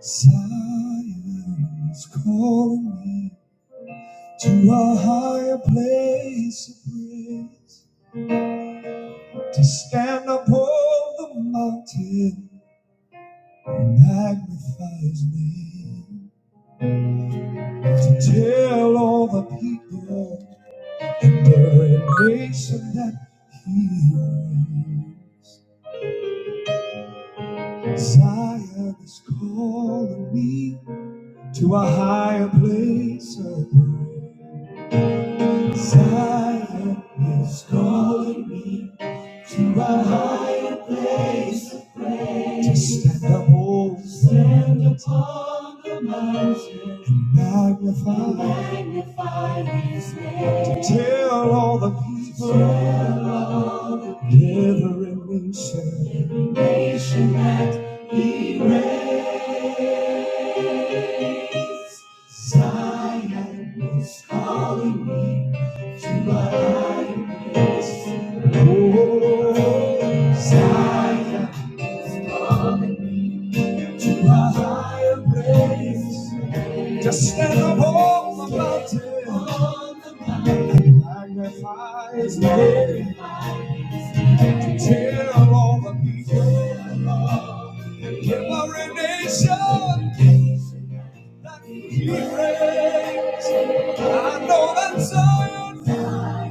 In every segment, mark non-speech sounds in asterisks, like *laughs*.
Zion is calling me to a higher place of praise, to stand upon the mountain and magnify his name, to tell all the people and every nation that he reigns. Zion is calling me to a higher place of praise. Zion is calling me to a high to stand up, oh, stand up, to magnify, to tell all the people, every nation, nation that He reigns. Zion is calling me to a high, oh, Zion to a higher place. Just stand up on the mountain, magnify his name, tell all the people in every nation that he reigns. I know that Zion come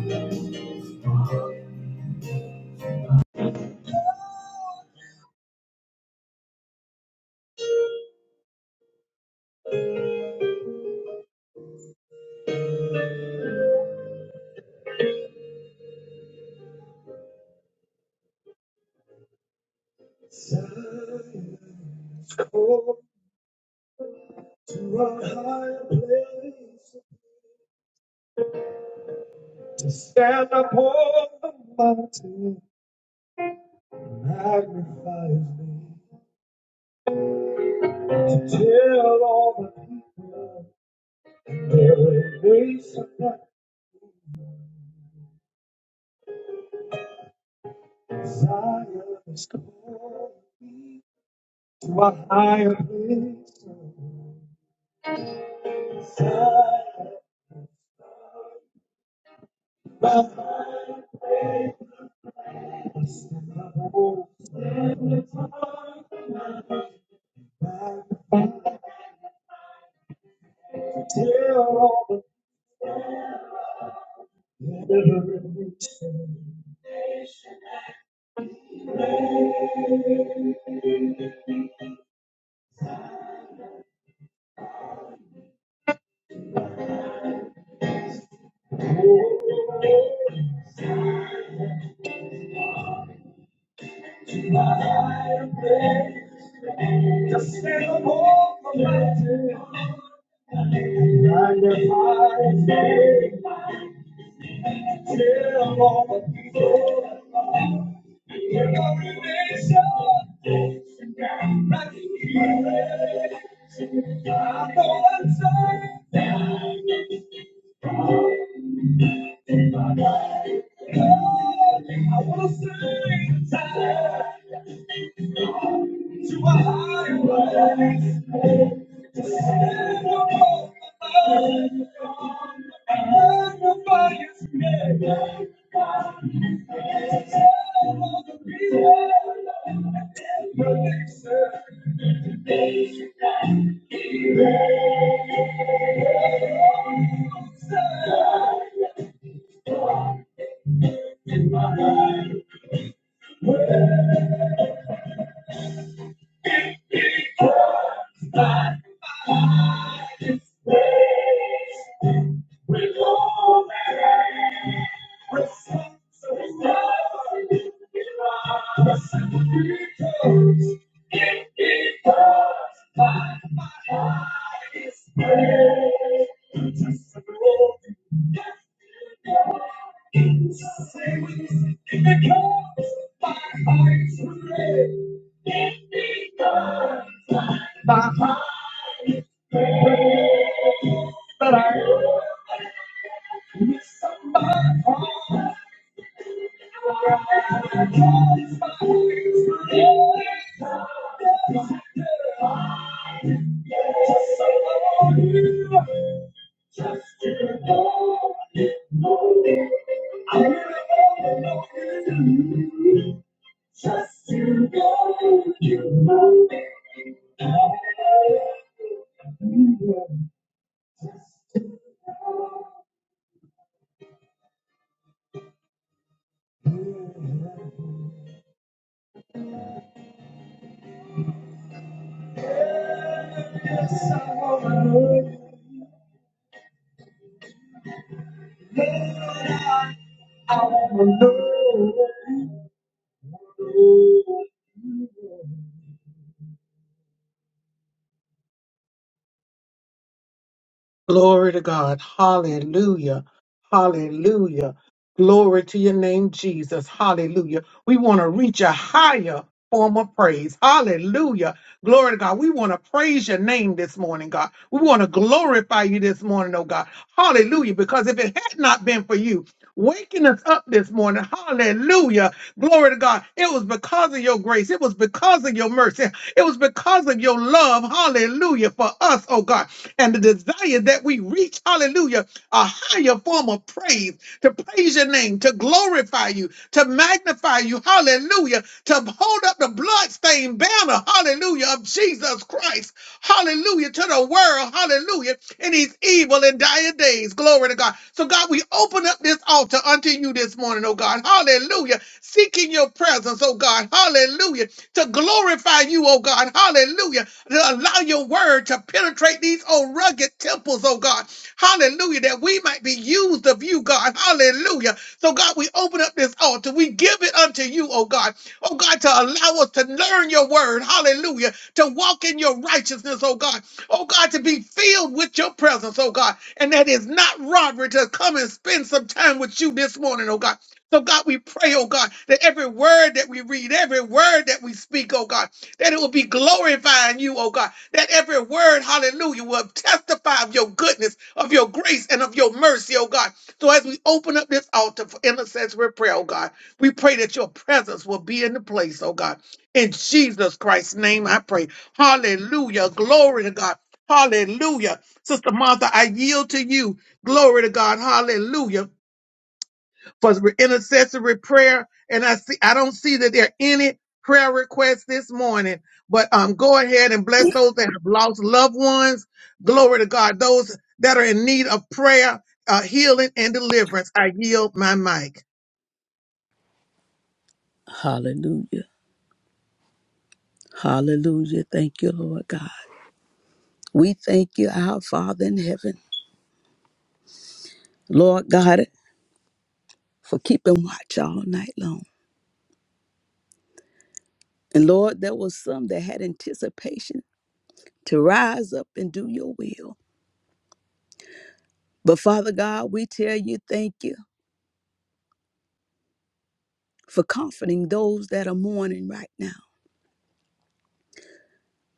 to a higher place. Just stand up on the mountain, magnify his name. And tell all the people their nation desire is calling me to a higher place. Higher place. Just sail above the mountain. And your higher place. Tell all the people in every nation that you hear. it. I know I'm saying, I wanna sing to a higher place. Thank you. Restless, so it comes, it comes, it comes. It comes, my heart is breaking. It comes, my heart is breaking. It comes, my heart is breaking. It comes, my heart is breaking. I wanna know. Glory to God. Hallelujah. Hallelujah. Glory to your name, Jesus. Hallelujah. We want to reach a higher form of praise. Hallelujah. Glory to God. We want to praise your name this morning, God. We want to glorify you this morning, oh God. Hallelujah. Because if it had not been for you, waking us up this morning. Hallelujah. Glory to God. It was because of your grace. It was because of your mercy. It was because of your love. Hallelujah. For us, oh God. And the desire that we reach, hallelujah, a higher form of praise, to praise your name, to glorify you, to magnify you. Hallelujah. To hold up the bloodstained name banner, hallelujah, of Jesus Christ, hallelujah, to the world, hallelujah, in these evil and dire days. Glory to God. So, God, we open up this altar unto you this morning, oh God, hallelujah, seeking your presence, oh God, hallelujah, to glorify you, oh God, hallelujah, to allow your word to penetrate these old rugged temples, oh God, hallelujah, that we might be used of you, God, hallelujah. So, God, we open up this altar, we give it unto you, oh God oh God, to allow us to learn your word, hallelujah, to walk in your righteousness, oh God, oh God, to be filled with your presence, oh God, and that is not robbery to come and spend some time with you this morning, oh God. So, God, we pray, oh God, that every word that we read, every word that we speak, oh God, that it will be glorifying you, oh God, that every word, hallelujah, will testify of your goodness, of your grace, and of your mercy, oh God. So, as we open up this altar for intercessory prayer, oh God. We pray that your presence will be in the place, oh God. In Jesus Christ's name, I pray. Hallelujah. Glory to God. Hallelujah. Sister Martha, I yield to you. Glory to God. Hallelujah. For the intercessory prayer. And I see I don't see that there are any prayer requests this morning. But um go ahead and bless those that have lost loved ones. Glory to God. Those that are in need of prayer, uh, healing, and deliverance. I yield my mic. Hallelujah. Hallelujah. Thank you, Lord God. We thank you, our Father in heaven, Lord God, for keeping watch all night long. And Lord, there was some that had anticipation to rise up and do your will. But Father God, we tell you thank you for comforting those that are mourning right now.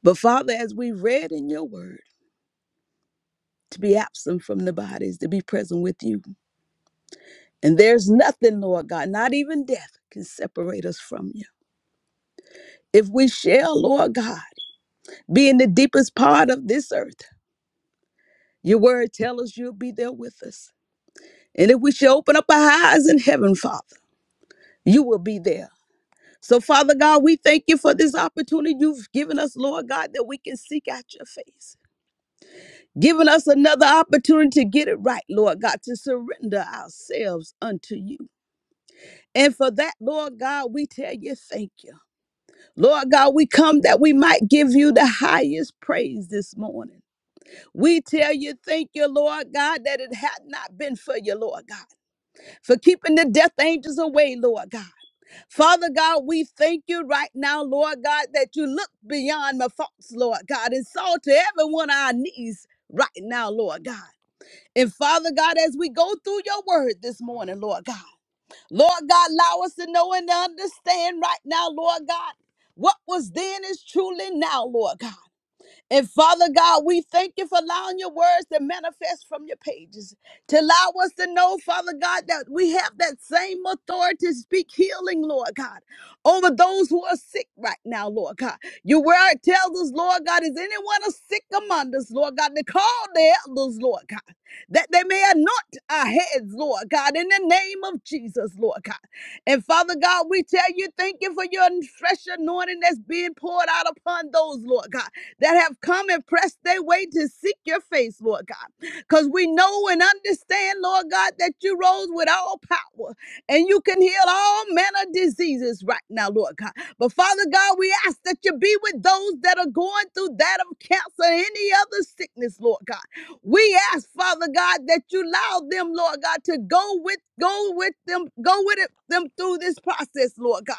But Father, as we read in your word, to be absent from the bodies, to be present with you. And there's nothing, Lord God, not even death, can separate us from you. If we shall, Lord God, be in the deepest part of this earth, your word tells us you'll be there with us. And if we shall open up our eyes in heaven, Father, you will be there. So, Father God, we thank you for this opportunity you've given us, Lord God, that we can seek out your face. Giving us another opportunity to get it right, Lord God, to surrender ourselves unto you. And for that, Lord God, we tell you thank you. Lord God, we come that we might give you the highest praise this morning. We tell you, thank you, Lord God, that it had not been for you, Lord God, for keeping the death angels away, Lord God. Father God, we thank you right now, Lord God, that you looked beyond my faults, Lord God, and saw to every one of our knees right now, Lord God. And Father God, as we go through your word this morning, Lord God, Lord God, allow us to know and to understand right now, Lord God, what was then is truly now, Lord God. And Father God, we thank you for allowing your words to manifest from your pages, to allow us to know, Father God, that we have that same authority to speak healing, Lord God, over those who are sick right now, Lord God. Your word tells us, Lord God, is anyone a sick among us, Lord God, to call the elders, Lord God, that they may anoint our heads, Lord God, in the name of Jesus, Lord God. And Father God, we tell you, thank you for your fresh anointing that's being poured out upon those, Lord God that have come and pressed their way to seek your face, Lord God. Because we know and understand, Lord God, that you rose with all power and you can heal all manner of diseases right now, Lord God. But Father God, we ask that you be with those that are going through that of cancer and any other sickness, Lord God. We ask, Father God, that you allow them, Lord God, to go with go with them, go with it, them through this process, Lord God.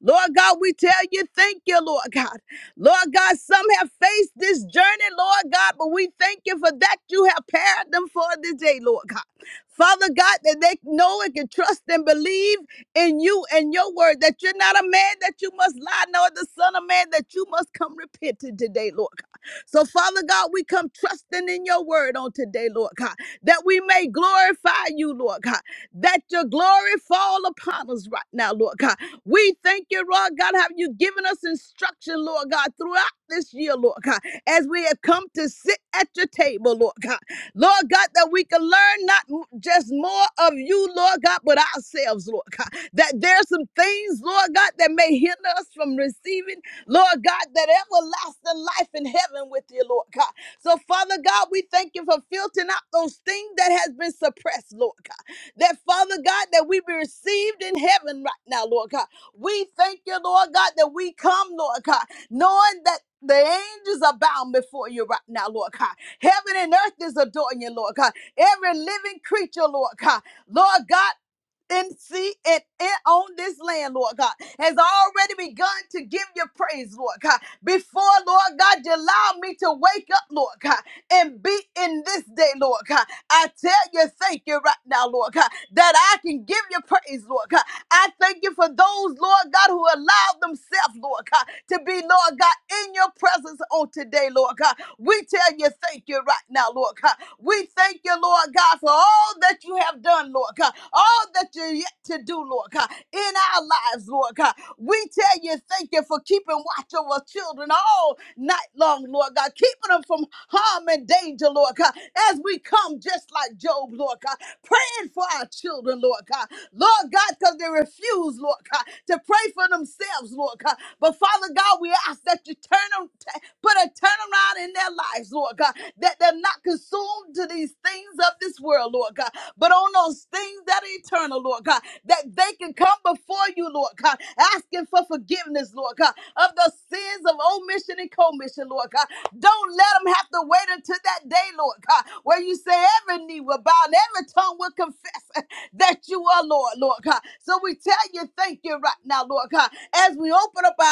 Lord God, we tell you, thank you, Lord God. Lord God, some have faced this journey, Lord God, but we thank you for that you have prepared them for the day, Lord God. Father God, that they know and can trust and believe in you and your word, that you're not a man that you must lie, nor the son of man that you must come repented today, Lord God. So, Father God, we come trusting in your word on today, Lord God, that we may glorify you, Lord God, that your glory fall upon us right now, Lord God. We thank you, Lord God, have you given us instruction, Lord God, throughout this year, Lord God, as we have come to sit at your table, Lord God. Lord God, that we can learn not m- just more of you, Lord God, but ourselves, Lord God. That there's some things, Lord God, that may hinder us from receiving, Lord God, that everlasting life in heaven with you, Lord God. So, Father God, we thank you for filtering out those things that has been suppressed, Lord God. That, Father God, that we be received in heaven right now, Lord God we thank you, Lord God, that we come, Lord God, knowing that the angels are bound before you right now, Lord God. Heaven and earth is adoring you, Lord God. Every living creature, Lord God. Lord God, and see it in- on this land, Lord God, has already begun to give you praise, Lord God. Before, Lord God, you allow me to wake up, Lord God, and be in this day, Lord God. I tell you, thank you right now, Lord God, that I can give you praise, Lord God. I thank you for those, Lord God, who allowed themselves, Lord God, to be, Lord God, in your presence on today, Lord God. We tell you, thank you right now, Lord God. We thank you, Lord God, for all that you have done, Lord God. Lord God. All that you're yet to do, Lord God, in our lives, Lord God. We tell you, thank you for keeping watch over children all night long, Lord God, keeping them from harm and danger, Lord God, as we come just like Job, Lord God, praying for our children, Lord God. Lord God, because they refuse, Lord God, to pray for themselves, Lord God. But Father God, we ask that you turn them, t- put a turnaround in their lives, Lord God, that they're not consumed to these things of this world, Lord God, but on those things that are eternal, Lord God, that they can come before you, Lord God, asking for forgiveness, Lord God, of the sins of omission and commission, Lord God. Don't let them have to wait until that day, Lord God, where you say every knee will bow and every tongue will confess *laughs* that you are Lord, Lord God. So we tell you thank you right now, Lord God, as we open up our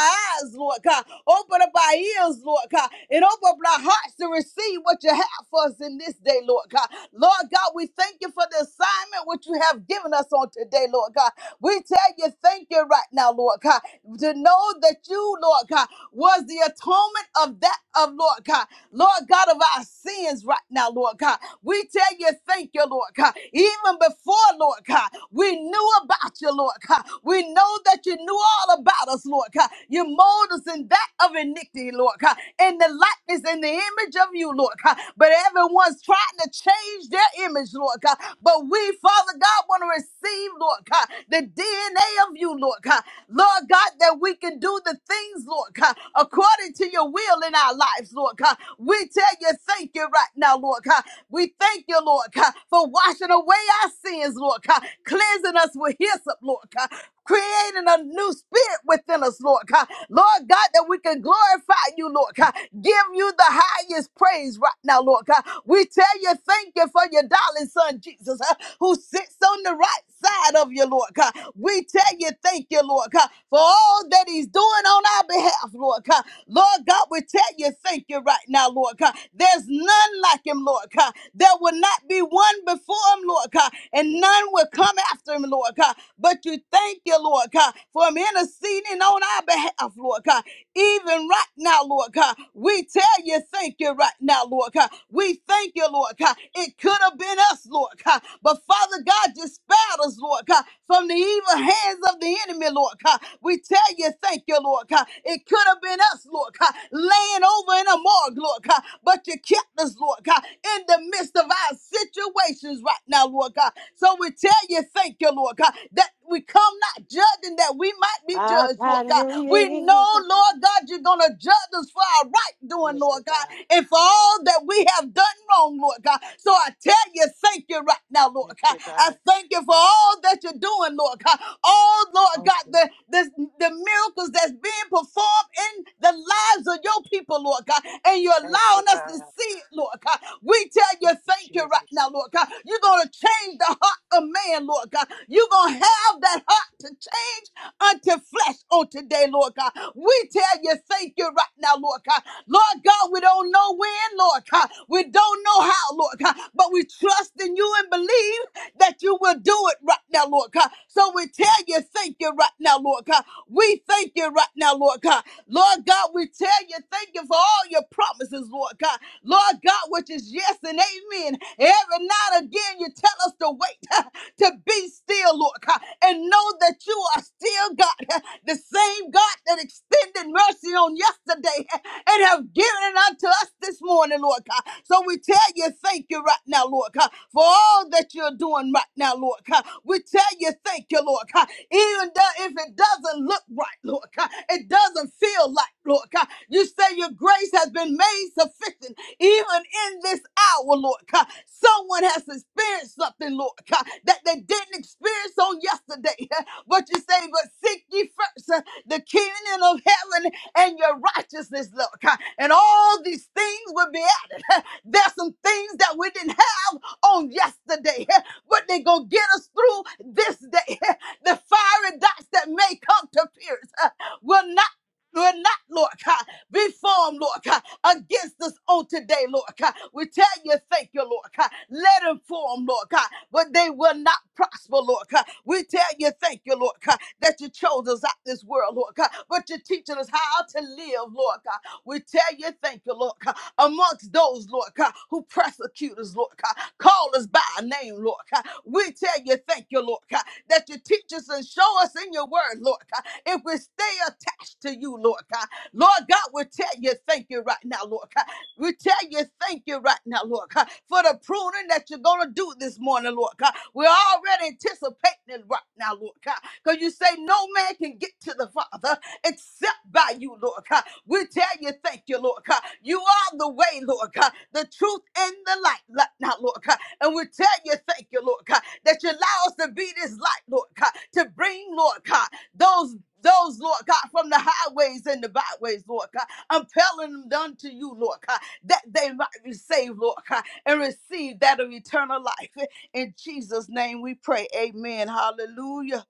eyes, Lord God, open up our ears, Lord God, and open up our hearts to receive what you have for us in this day, Lord God. Lord God, God, we thank you for the assignment which you have given us on today, Lord God. We tell you thank you right now, Lord God, to know that you, Lord God, was the atonement of that of Lord God, Lord God of our sins right now, Lord God. We tell you thank you, Lord God. Even before, Lord God, we knew about you, Lord God. We know that you knew all about us, Lord God. You mold us in that of iniquity, Lord God, in the likeness and the image of you, Lord God. But everyone's trying to change their image, Lord God. But we, Father God, want to receive, Lord God, the DNA of you, Lord God. Lord God, that we can do the things, Lord God, according to your will in our lives, Lord God. We tell you, thank you right now, Lord God. We thank you, Lord God, for washing away our sins, Lord God, cleansing us with hyssop, Lord God, creating a new spirit within us, Lord God. Lord God, that we can glorify you, Lord God. Give you the highest praise right now, Lord God. We tell you thank you for your darling son, Jesus, uh, who sits on the right side of you, Lord God. We tell you thank you, Lord God, for all that he's doing on our behalf, Lord God. Lord God, we tell you thank you right now, Lord God. There's none like him, Lord God. There will not be one before him, Lord God, and none will come after him, Lord God. But you thank you, Lord God, for him interceding on our behalf, Lord God even right now, Lord God. We tell you thank you right now, out, Lord God. We thank you, Lord God. It could have been us, Lord God. But Father God, just spared us, Lord God, from the evil hands of the enemy, Lord God. We tell you, thank you, Lord God. It could have been us, Lord God, laying over in a morgue, Lord God. But you kept us, Lord God, in the midst of our situations right now, Lord God. So we tell you, thank you, Lord God, that we come not judging that we might be I've judged, Lord had God. We many know, Lord God, you're going to judge us for our right doing, Praise me, Lord God. God, and for all that we have done wrong, Lord God. So I tell you, thank you right now, Lord Thank God. you, I God. thank you for all that you're doing, Lord God. All, Lord Thank God, you. the, the, the miracles that's being performed in the lives of your people, Lord God, and you're Thank you, allowing us God. to see it, Lord. Lord God. We tell you Thank you, thank you right Jesus. now, Lord God. You're going to change the heart of man, Lord God. You're going to have that heart to change unto flesh on today, Lord God. We tell you thank you right now, Lord God. Lord God, we don't know when, Lord God. We don't know how, Lord God, but we trust in you and believe that you will do it right now, Lord God. So we tell you thank you right now, Lord God. God. We thank you right now, Lord God. Lord God, we tell you, thank you for all your promises, Lord God. Lord God, which is yes and amen. Every night again, you tell us to wait, *laughs* to be still, Lord God, and know that you are still God, *laughs* the same God that extended mercy on yesterday *laughs* and have given it unto us this morning, Lord God. So we tell you, thank you right now, Lord. Lord God, for all that you're doing right now, Lord God. We tell you thank you, Lord God. Even though if it doesn't look right, Lord God, it doesn't feel like, Lord God. You say your grace has been made sufficient even in this hour, Lord God. Someone has experienced something, Lord God, that they didn't experience on yesterday. *laughs* But you say, but seek ye first uh, the kingdom of heaven and your righteousness, Lord God. And all these things will be added. *laughs* There's some things that we didn't have on yesterday, *laughs* but they're going to get us through this day. *laughs* The fiery darts that may come to pierce uh, will not. Will not, Lord God, be formed, Lord God, against us on today, Lord God. We tell you, thank you, Lord God. Let them form, Lord God, but they will not prosper, Lord God. We tell you, thank you, Lord God, that you chose us out this world, Lord God, but you're teaching us how how to live, Lord God. We tell you, thank you, Lord God, amongst those, Lord God, who persecute us, Lord God, call us by our name, Lord God. We tell you, thank you, Lord God, that you teach us and show us in your word, Lord God. If we stay attached to you, Lord God, Lord God, we tell you, thank you right now, Lord God. We tell you, thank you right now, Lord God, for the pruning that you're going to do this morning, Lord God. We're already anticipating it right now, Lord God, because you say no man can get to the Father except by you, Lord God. We tell you, thank you, Lord God. You are the way, Lord God, the truth and the light, li- now, Lord God. And we tell you, thank you, Lord God, that you allow us to be this light, Lord God, to bring, Lord God, those. Those, Lord God, from the highways and the byways, Lord God, I'm telling them unto you, Lord God, that they might be saved, Lord God, and receive that of eternal life. In Jesus' name we pray. Amen. Hallelujah.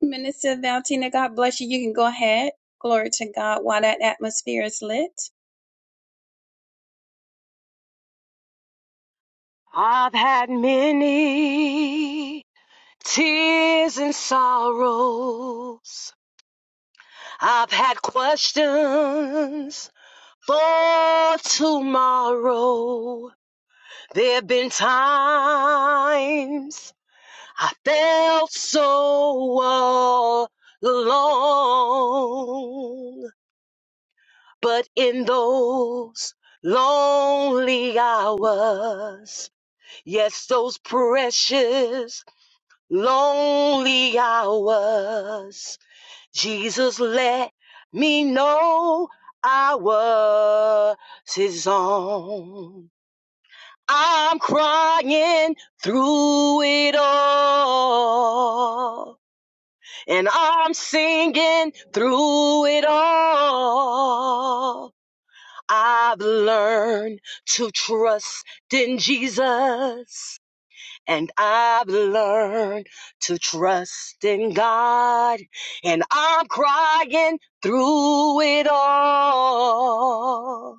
Minister Valentina, God bless you. You can go ahead. Glory to God while that atmosphere is lit. I've had many tears and sorrows. I've had questions for tomorrow. There have been times I felt so alone. But in those lonely hours, yes, those precious lonely hours, Jesus let me know I was his own. I'm crying through it all, and I'm singing through it all. I've learned to trust in Jesus. And I've learned to trust in God. And I'm crying through it all.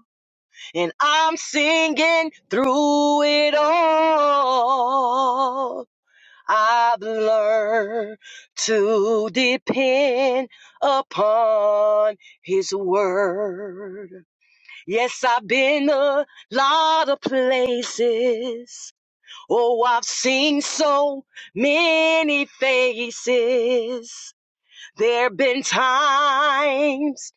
And I'm singing through it all. I've learned to depend upon his word. Yes, I've been a lot of places. Oh, I've seen so many faces. There've been times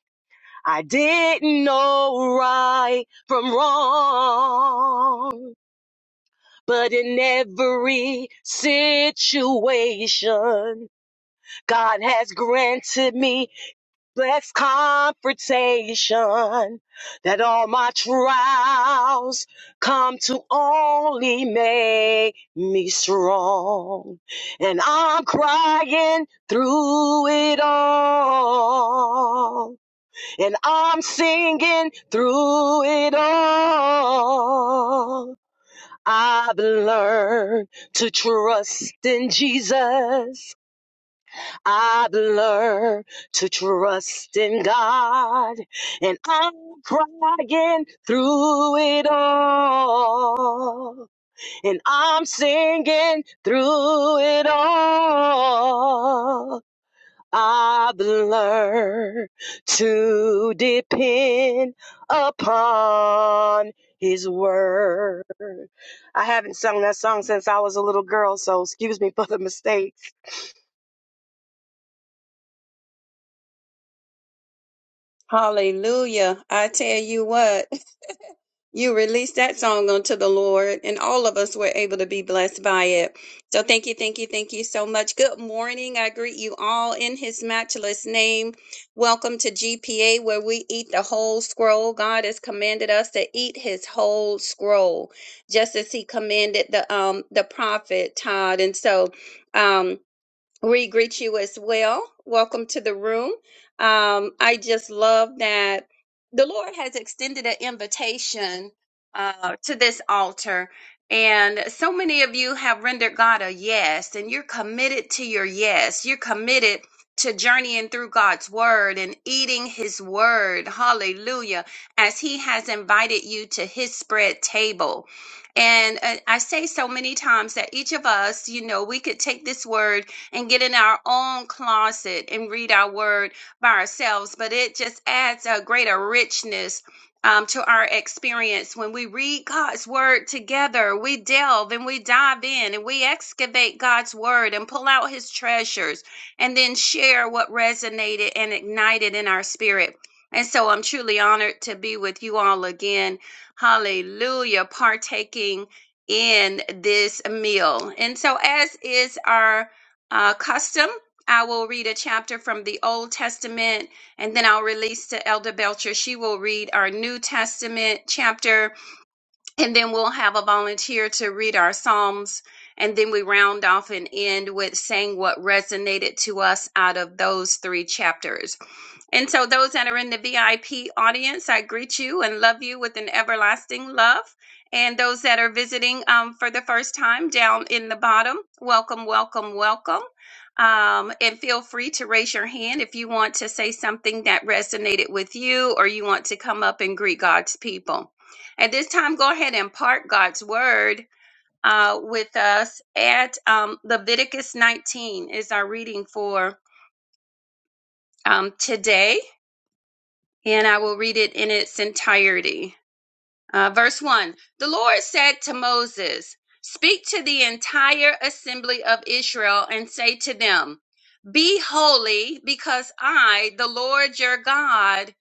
I didn't know right from wrong. But in every situation, God has granted me Blessed confrontation that all my trials come to only make me strong. And I'm crying through it all. And I'm singing through it all. I've learned to trust in Jesus I've learned to trust in God, and I'm crying through it all, and I'm singing through it all. I've learned to depend upon His word. I haven't sung that song since I was a little girl, so excuse me for the mistake. Hallelujah. I tell you what, you released that song unto the Lord, and all of us were able to be blessed by it. So thank you, thank you, thank you so much. Good morning. I greet you all in his matchless name. Welcome to GPA, where we eat the whole scroll. God has commanded us to eat his whole scroll, just as he commanded the um the prophet Todd. And so um We greet you as well. Welcome to the room. Um, I just love that the Lord has extended an invitation uh, to this altar. And so many of you have rendered God a yes, and you're committed to your yes. You're committed to journeying through God's word and eating his word. Hallelujah. As he has invited you to his spread table. And uh, I say so many times that each of us, you know, we could take this word and get in our own closet and read our word by ourselves, but it just adds a greater richness. um, to our experience, when we read God's word together, we delve and we dive in and we excavate God's word and pull out his treasures and then share what resonated and ignited in our spirit. And so I'm truly honored to be with you all again. Hallelujah. Partaking in this meal. And so, as is our uh, custom. I will read a chapter from the Old Testament and then I'll release to Elder Belcher. She will read our New Testament chapter and then we'll have a volunteer to read our Psalms. And then we round off and end with saying what resonated to us out of those three chapters. And so, those that are in the VIP audience, I greet you and love you with an everlasting love. And those that are visiting um, for the first time down in the bottom, welcome, welcome, welcome. Um, and feel free to raise your hand if you want to say something that resonated with you or you want to come up and greet God's people. At this time, go ahead and part God's word uh, with us at um, Leviticus 19 is our reading for um, today. And I will read it in its entirety. Uh, verse 1 The Lord said to Moses, Speak to the entire assembly of Israel and say to them, Be holy, because I, the Lord your God,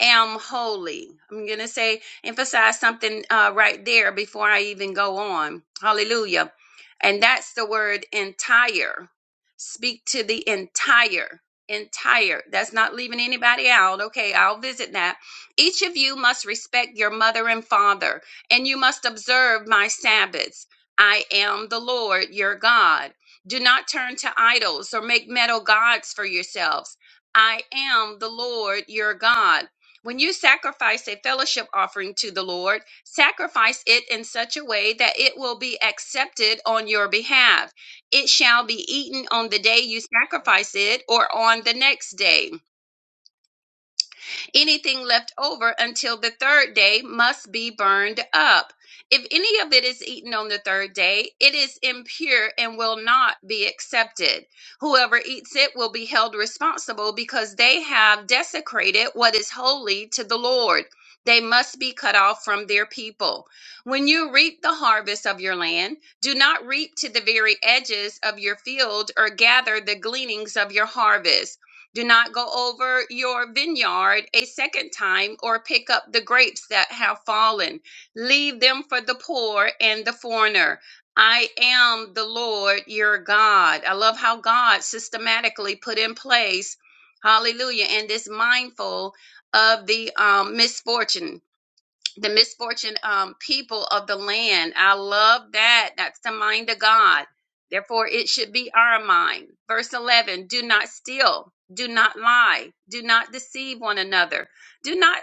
am holy. I'm going to say, emphasize something uh, right there before I even go on. Hallelujah. And that's the word entire. Speak to the entire. Entire. That's not leaving anybody out. Okay, I'll visit that each of you must respect your mother and father, and you must observe my Sabbaths. I am the Lord your God. Do not turn to idols or make metal gods for yourselves. I am the Lord your God. When you sacrifice a fellowship offering to the Lord, sacrifice it in such a way that it will be accepted on your behalf. It shall be eaten on the day you sacrifice it or on the next day. Anything left over until the third day must be burned up. If any of it is eaten on the third day, it is impure and will not be accepted. Whoever eats it will be held responsible because they have desecrated what is holy to the Lord. They must be cut off from their people. When you reap the harvest of your land, do not reap to the very edges of your field or gather the gleanings of your harvest do not go over your vineyard a second time or pick up the grapes that have fallen. Leave them for the poor and the foreigner. I am the Lord your God. I love how God systematically put in place, hallelujah, and is mindful of the um, misfortune the misfortune um, people of the land. I love that. That's the mind of God. Therefore, it should be our mind. Verse 11 Do not steal, do not lie, do not deceive one another, do not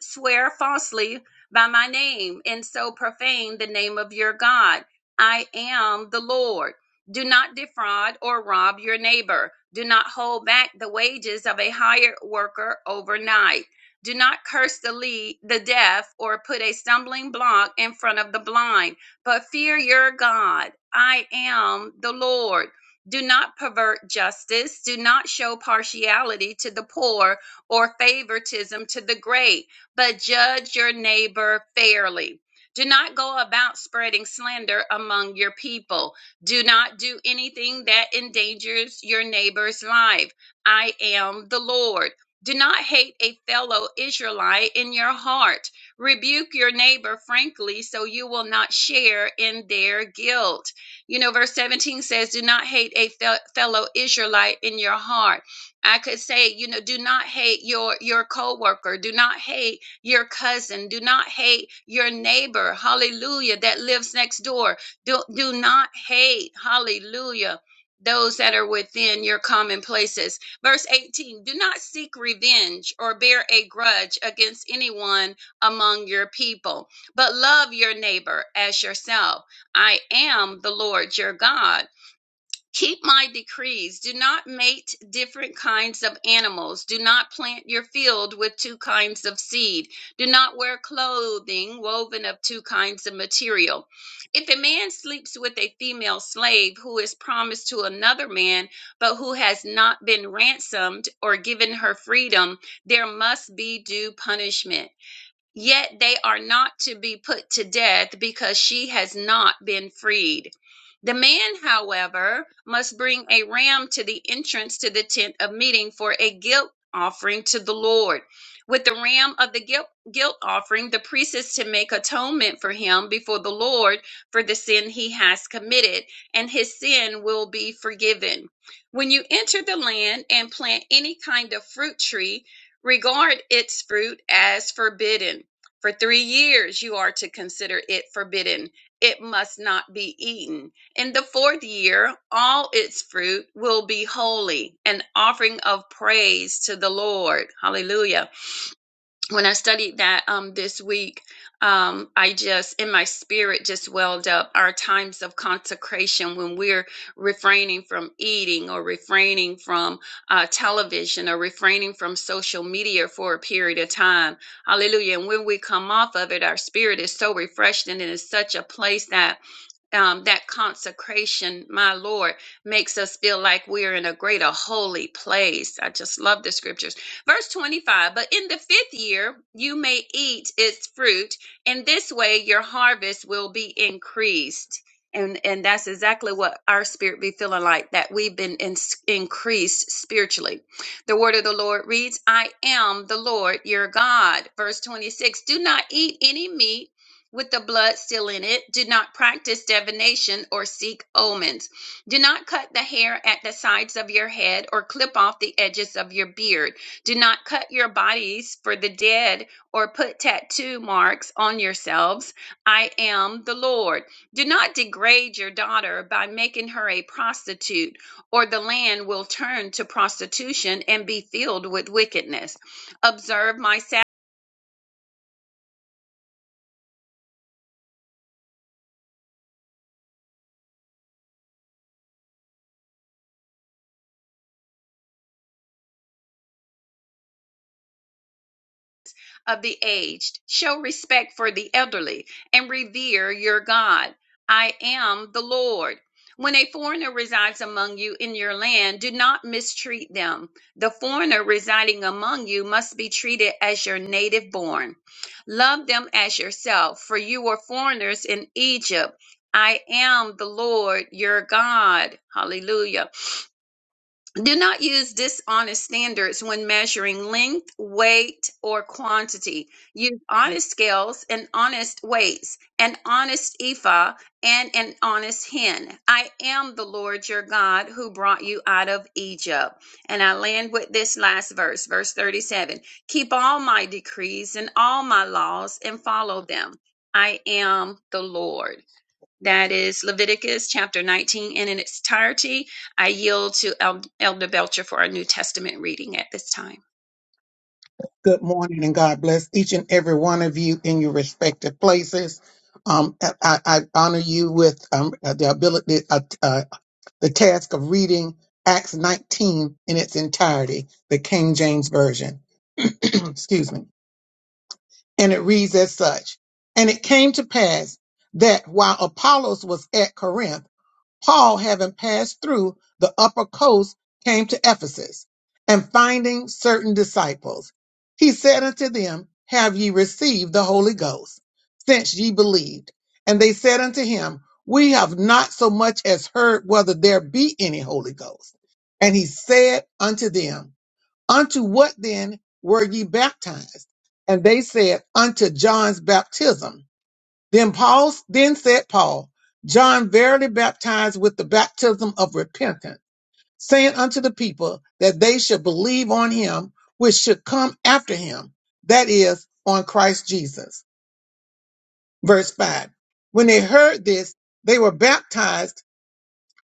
swear falsely by my name and so profane the name of your God. I am the Lord. Do not defraud or rob your neighbor. Do not hold back the wages of a hired worker overnight do not curse the lead, the deaf, or put a stumbling block in front of the blind, but fear your God. I am the Lord. Do not pervert justice. Do not show partiality to the poor or favoritism to the great, but judge your neighbor fairly. Do not go about spreading slander among your people. Do not do anything that endangers your neighbor's life. I am the Lord. Do not hate a fellow Israelite in your heart. Rebuke your neighbor frankly so you will not share in their guilt. You know, verse 17 says, Do not hate a fel- fellow Israelite in your heart. I could say, you know, do not hate your your coworker, do not hate your cousin, do not hate your neighbor, hallelujah, that lives next door. Do, do not hate, hallelujah, those that are within your common places Verse 18 Do not seek revenge or bear a grudge against anyone among your people, but love your neighbor as yourself. I am the Lord your God. Keep my decrees. Do not mate different kinds of animals. Do not plant your field with two kinds of seed. Do not wear clothing woven of two kinds of material. If a man sleeps with a female slave who is promised to another man, but who has not been ransomed or given her freedom, there must be due punishment. Yet they are not to be put to death because she has not been freed. The man, however, must bring a ram to the entrance to the tent of meeting for a guilt offering to the Lord. With the ram of the guilt, guilt offering, the priest is to make atonement for him before the Lord for the sin he has committed, and his sin will be forgiven. When you enter the land and plant any kind of fruit tree, regard its fruit as forbidden for three years you are to consider it forbidden. It must not be eaten. In the fourth year, all its fruit will be holy, an offering of praise to the Lord. Hallelujah when I studied that um, this week, um, I just, in my spirit, just welled up our times of consecration when we're refraining from eating or refraining from uh, television or refraining from social media for a period of time. Hallelujah. And when we come off of it, our spirit is so refreshed and it is such a place that um, that consecration, my Lord, makes us feel like we're in a greater holy place. I just love the scriptures. Verse 25 But in the fifth year, you may eat its fruit, and this way your harvest will be increased. And, and that's exactly what our spirit be feeling like that we've been in, increased spiritually. The word of the Lord reads, I am the Lord your God. Verse 26 Do not eat any meat with the blood still in it. Do not practice divination or seek omens. Do not cut the hair at the sides of your head or clip off the edges of your beard. Do not cut your bodies for the dead or put tattoo marks on yourselves. I am the Lord. Do not degrade your daughter by making her a prostitute, or the land will turn to prostitution and be filled with wickedness. Observe my Sabbath of the aged. Show respect for the elderly and revere your God. I am the Lord. When a foreigner resides among you in your land, do not mistreat them. The foreigner residing among you must be treated as your native born. Love them as yourself, for you were foreigners in Egypt. I am the Lord your God. Hallelujah. Do not use dishonest standards when measuring length, weight, or quantity. Use honest scales and honest weights, an honest ephah and an honest hin. I am the Lord your God who brought you out of Egypt. And I land with this last verse, verse 37. Keep all my decrees and all my laws and follow them. I am the Lord. That is Leviticus chapter 19 and in its entirety. I yield to El- Elder Belcher for our New Testament reading at this time. Good morning and God bless each and every one of you in your respective places. Um, I, I honor you with um, the ability, uh, uh, the task of reading Acts 19 in its entirety, the King James Version. *clears throat* Excuse me. And it reads as such. And it came to pass that while Apollos was at Corinth, Paul, having passed through the upper coast, came to Ephesus, and finding certain disciples, he said unto them, Have ye received the Holy Ghost, since ye believed? And they said unto him, We have not so much as heard whether there be any Holy Ghost. And he said unto them, Unto what then were ye baptized? And they said, Unto John's baptism. Then Paul then said Paul, John verily baptized with the baptism of repentance, saying unto the people that they should believe on him which should come after him, that is, on Christ Jesus. Verse 5. When they heard this, they were baptized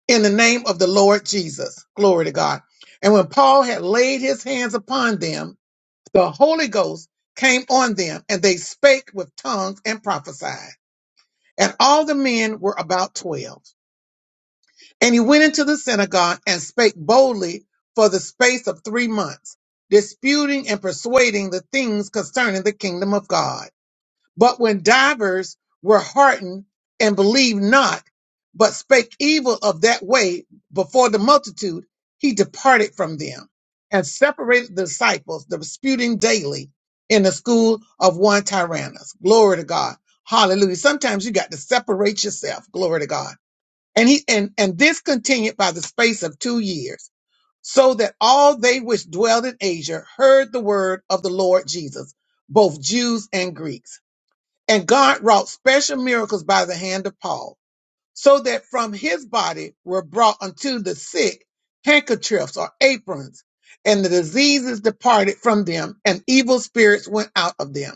in the name of the Lord Jesus. Glory to God. And when Paul had laid his hands upon them, the Holy Ghost came on them, and they spake with tongues and prophesied. And all the men were about twelve. And he went into the synagogue and spake boldly for the space of three months, disputing and persuading the things concerning the kingdom of God. But when divers were heartened and believed not, but spake evil of that way before the multitude, he departed from them and separated the disciples, disputing daily in the school of one Tyrannus. Glory to God. Hallelujah. Sometimes you got to separate yourself. Glory to God and he and, and this continued by the space of two years, so that all they which dwelled in Asia heard the word of the Lord Jesus, both Jews and Greeks. And God wrought special miracles by the hand of Paul, so that from his body were brought unto the sick handkerchiefs or aprons, and the diseases departed from them, and evil spirits went out of them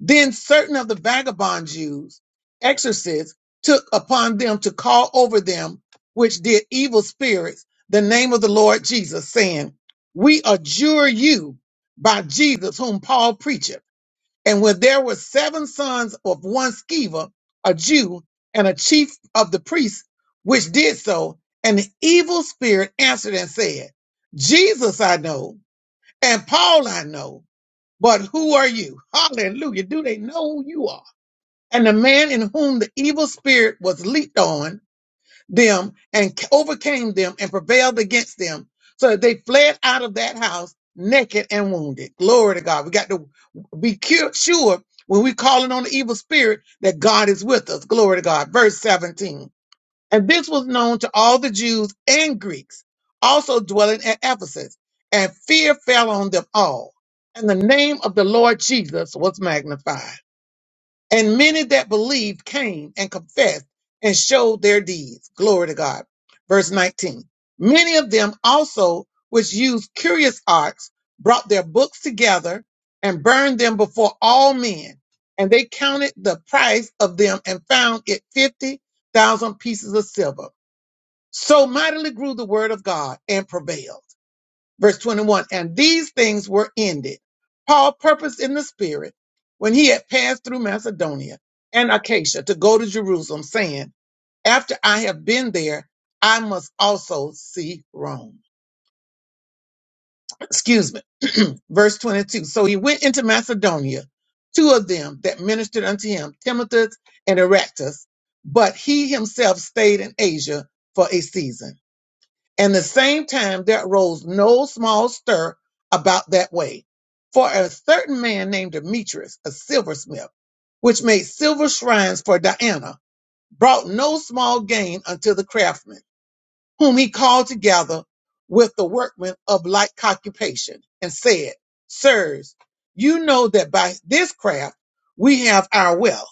then certain of the vagabond Jews, exorcists, took upon them to call over them which did evil spirits the name of the Lord Jesus, saying, We adjure you by Jesus whom Paul preacheth. And when there were seven sons of one Sceva, a Jew, and a chief of the priests, which did so, an evil spirit answered and said, Jesus I know, and Paul I know, but who are you? Hallelujah. Do they know who you are? And the man in whom the evil spirit was leaped on them and c- overcame them and prevailed against them so that they fled out of that house naked and wounded. Glory to God. We got to be cu- sure when we calling on the evil spirit that God is with us. Glory to God. Verse 17. And this was known to all the Jews and Greeks also dwelling at Ephesus. And fear fell on them all. And the name of the Lord Jesus was magnified. And many that believed came and confessed and showed their deeds. Glory to God. Verse 19. Many of them also, which used curious arts, brought their books together and burned them before all men. And they counted the price of them and found it 50,000 pieces of silver so mightily grew the word of God and prevailed. Verse 21 And these things were ended. Paul purposed in the spirit when he had passed through Macedonia and Acacia to go to Jerusalem, saying, After I have been there, I must also see Rome. Excuse me. *clears throat* Verse 22 So he went into Macedonia, two of them that ministered unto him, Timothus and Erastus, but he himself stayed in Asia for a season. And the same time there arose no small stir about that way. For a certain man named Demetrius, a silversmith, which made silver shrines for Diana, brought no small gain unto the craftsmen, whom he called together with the workmen of like occupation, and said, Sirs, you know that by this craft we have our wealth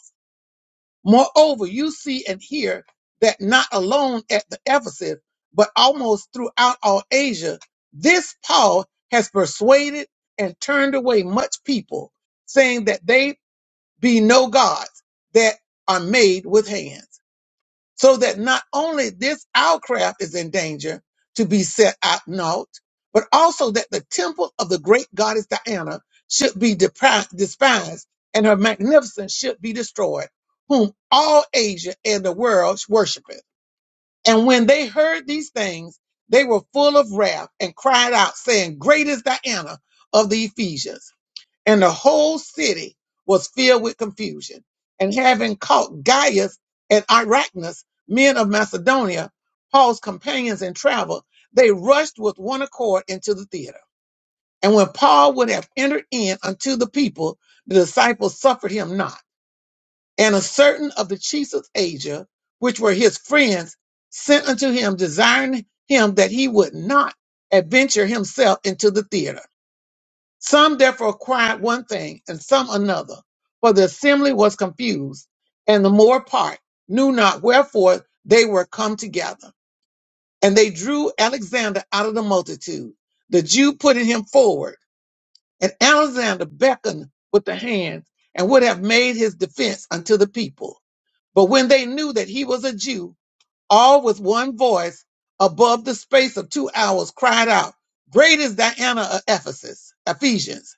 Moreover, you see and hear that not alone at the Ephesus, but almost throughout all Asia, this Paul has persuaded and turned away much people, saying that they be no gods that are made with hands so that not only this our craft is in danger to be set out naught, but also that the temple of the great goddess Diana should be depri- despised and her magnificence should be destroyed, whom all Asia and the world worshipeth. And when they heard these things, they were full of wrath and cried out, saying, Great is Diana of the Ephesians and the whole city was filled with confusion. And having caught Gaius and Arachnas, men of Macedonia, Paul's companions in travel, they rushed with one accord into the theater. And when Paul would have entered in unto the people, the disciples suffered him not. And a certain of the chiefs of Asia, which were his friends, sent unto him, desiring him that he would not adventure himself into the theater. Some therefore cried one thing and some another, for the assembly was confused, and the more part knew not wherefore they were come together. And they drew Alexander out of the multitude, the Jew putting him forward. And Alexander beckoned with the hand and would have made his defense unto the people. But when they knew that he was a Jew, all with one voice, above the space of two hours, cried out, Great is Diana of Ephesus, Ephesians.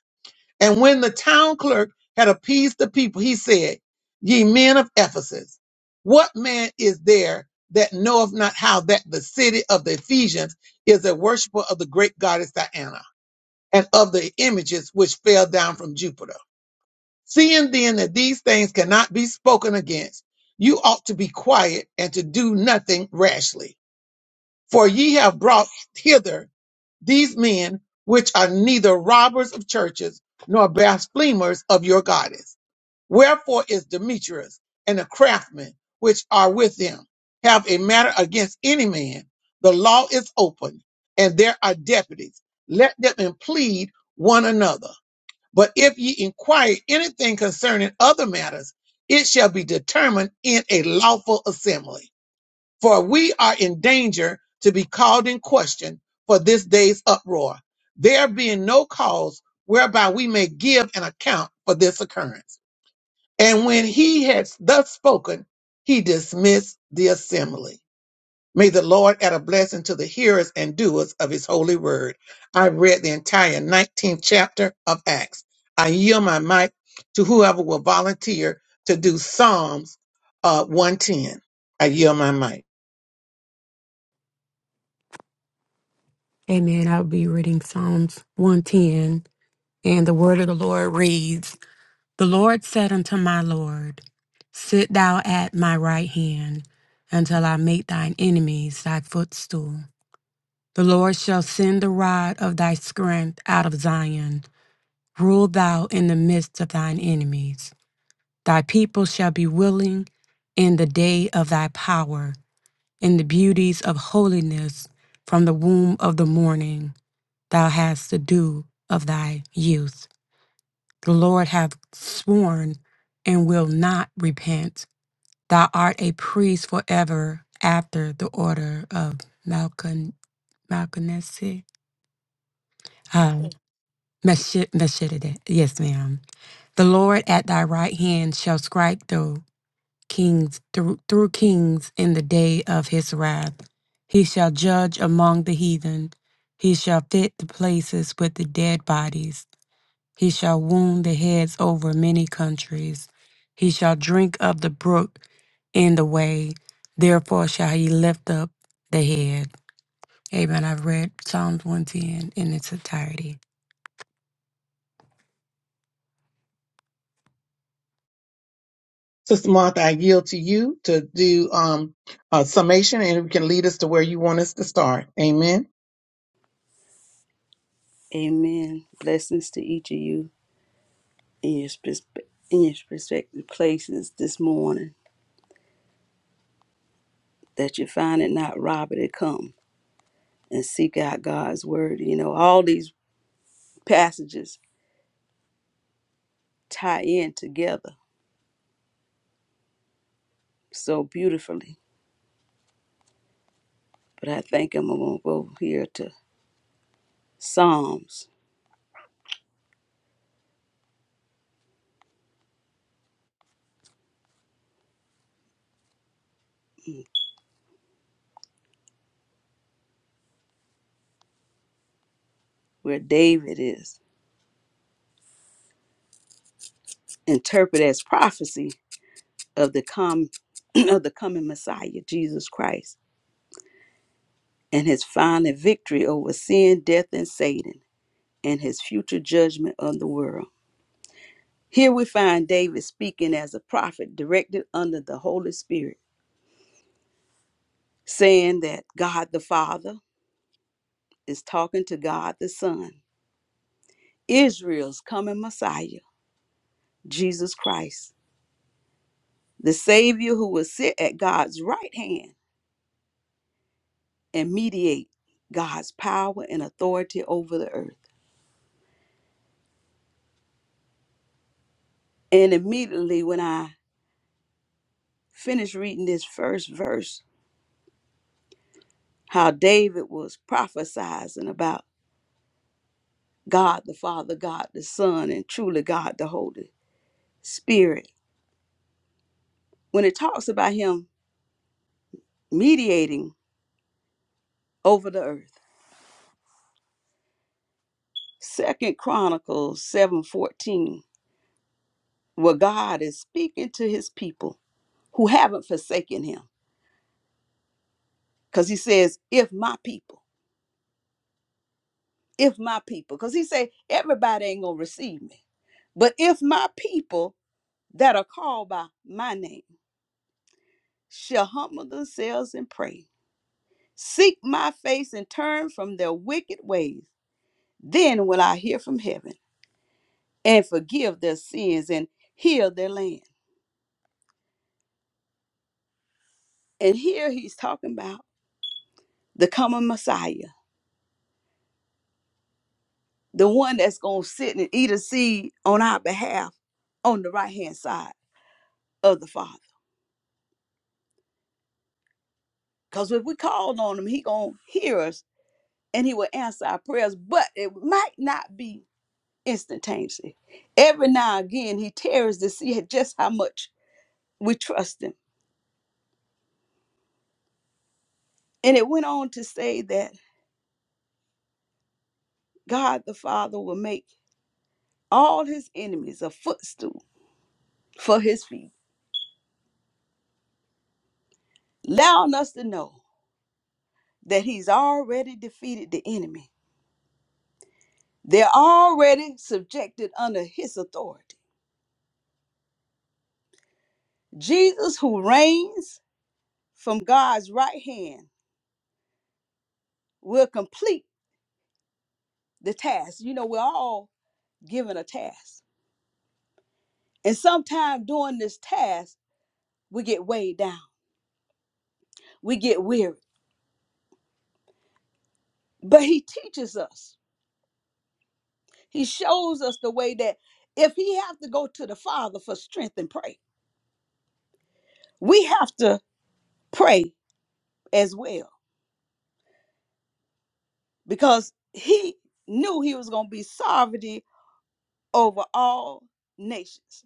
And when the town clerk had appeased the people, he said, Ye men of Ephesus, what man is there that knoweth not how that the city of the Ephesians is a worshiper of the great goddess Diana and of the images which fell down from Jupiter? Seeing then that these things cannot be spoken against, you ought to be quiet and to do nothing rashly. For ye have brought hither these men, which are neither robbers of churches nor blasphemers of your goddess. Wherefore is Demetrius and the craftsmen which are with them have a matter against any man? The law is open, and there are deputies. Let them plead one another. But if ye inquire anything concerning other matters, it shall be determined in a lawful assembly for we are in danger to be called in question for this day's uproar, there being no cause whereby we may give an account for this occurrence. And when he had thus spoken, he dismissed the assembly. May the Lord add a blessing to the hearers and doers of his holy word. I read the entire 19th chapter of Acts. I yield my mic to whoever will volunteer to do Psalms uh, 110. I yield my mic. Amen. I'll be reading Psalms 110. And the word of the Lord reads The Lord said unto my Lord, Sit thou at my right hand until I make thine enemies thy footstool. The Lord shall send the rod of thy strength out of Zion. Rule thou in the midst of thine enemies. Thy people shall be willing in the day of thy power, in the beauties of holiness from the womb of the morning thou hast the dew of thy youth. The Lord hath sworn and will not repent. Thou art a priest forever after the order of Malchon Malchonesi. Um, Meshi- Meshitide. Yes, ma'am. The Lord at thy right hand shall strike through kings through, through kings in the day of his wrath. He shall judge among the heathen. He shall fit the places with the dead bodies. He shall wound the heads over many countries. He shall drink of the brook in the way. Therefore shall he lift up the head. Amen. I've read Psalms 110 in its entirety. Sister Martha, I yield to you to do um, a summation and you can lead us to where you want us to start. Amen. Amen. Blessings to each of you. in your, perspe- in your prospective places this morning that you find it not robbery to come and seek out God's word. You know, all these passages tie in together so beautifully. But I think I'm going to go here to Psalms, where David is interpreted as prophecy of the com- *clears throat* of the coming Messiah, Jesus Christ, and his final victory over sin, death, and Satan, and his future judgment of the world. Here we find David speaking as a prophet directed under the Holy Spirit, saying that God the Father is talking to God the Son, Israel's coming Messiah, Jesus Christ, the Savior who will sit at God's right hand and mediate God's power and authority over the earth. And immediately when I finished reading this first verse, how David was prophesizing about God the Father, God the Son, and truly God the Holy spirit when it talks about him mediating over the earth. Second Chronicles 7:14, where God is speaking to his people who haven't forsaken him. Because he says, if my people, if my people, because he said, everybody ain't gonna receive me. But if my people that are called by my name shall humble themselves and pray, seek my face and turn from their wicked ways, then will I hear from heaven and forgive their sins and heal their land. And here he's talking about the coming Messiah, the one that's going to sit and eat a seed on our behalf on the right hand side of the Father. Because if we called on him, he going to hear us and he will answer our prayers, but it might not be instantaneously. Every now and again, he tears to see just how much we trust him. And it went on to say that God the Father will make all his enemies a footstool for his feet allowing us to know that he's already defeated the enemy. They're already subjected under his authority. Jesus, who reigns from God's right hand, will complete the task. You know, we're all given a task. And sometimes during this task, we get weighed down, we get weary. But he teaches us, he shows us the way that if he have to go to the Father for strength and pray, we have to pray as well because he knew he was going to be sovereignty over all nations.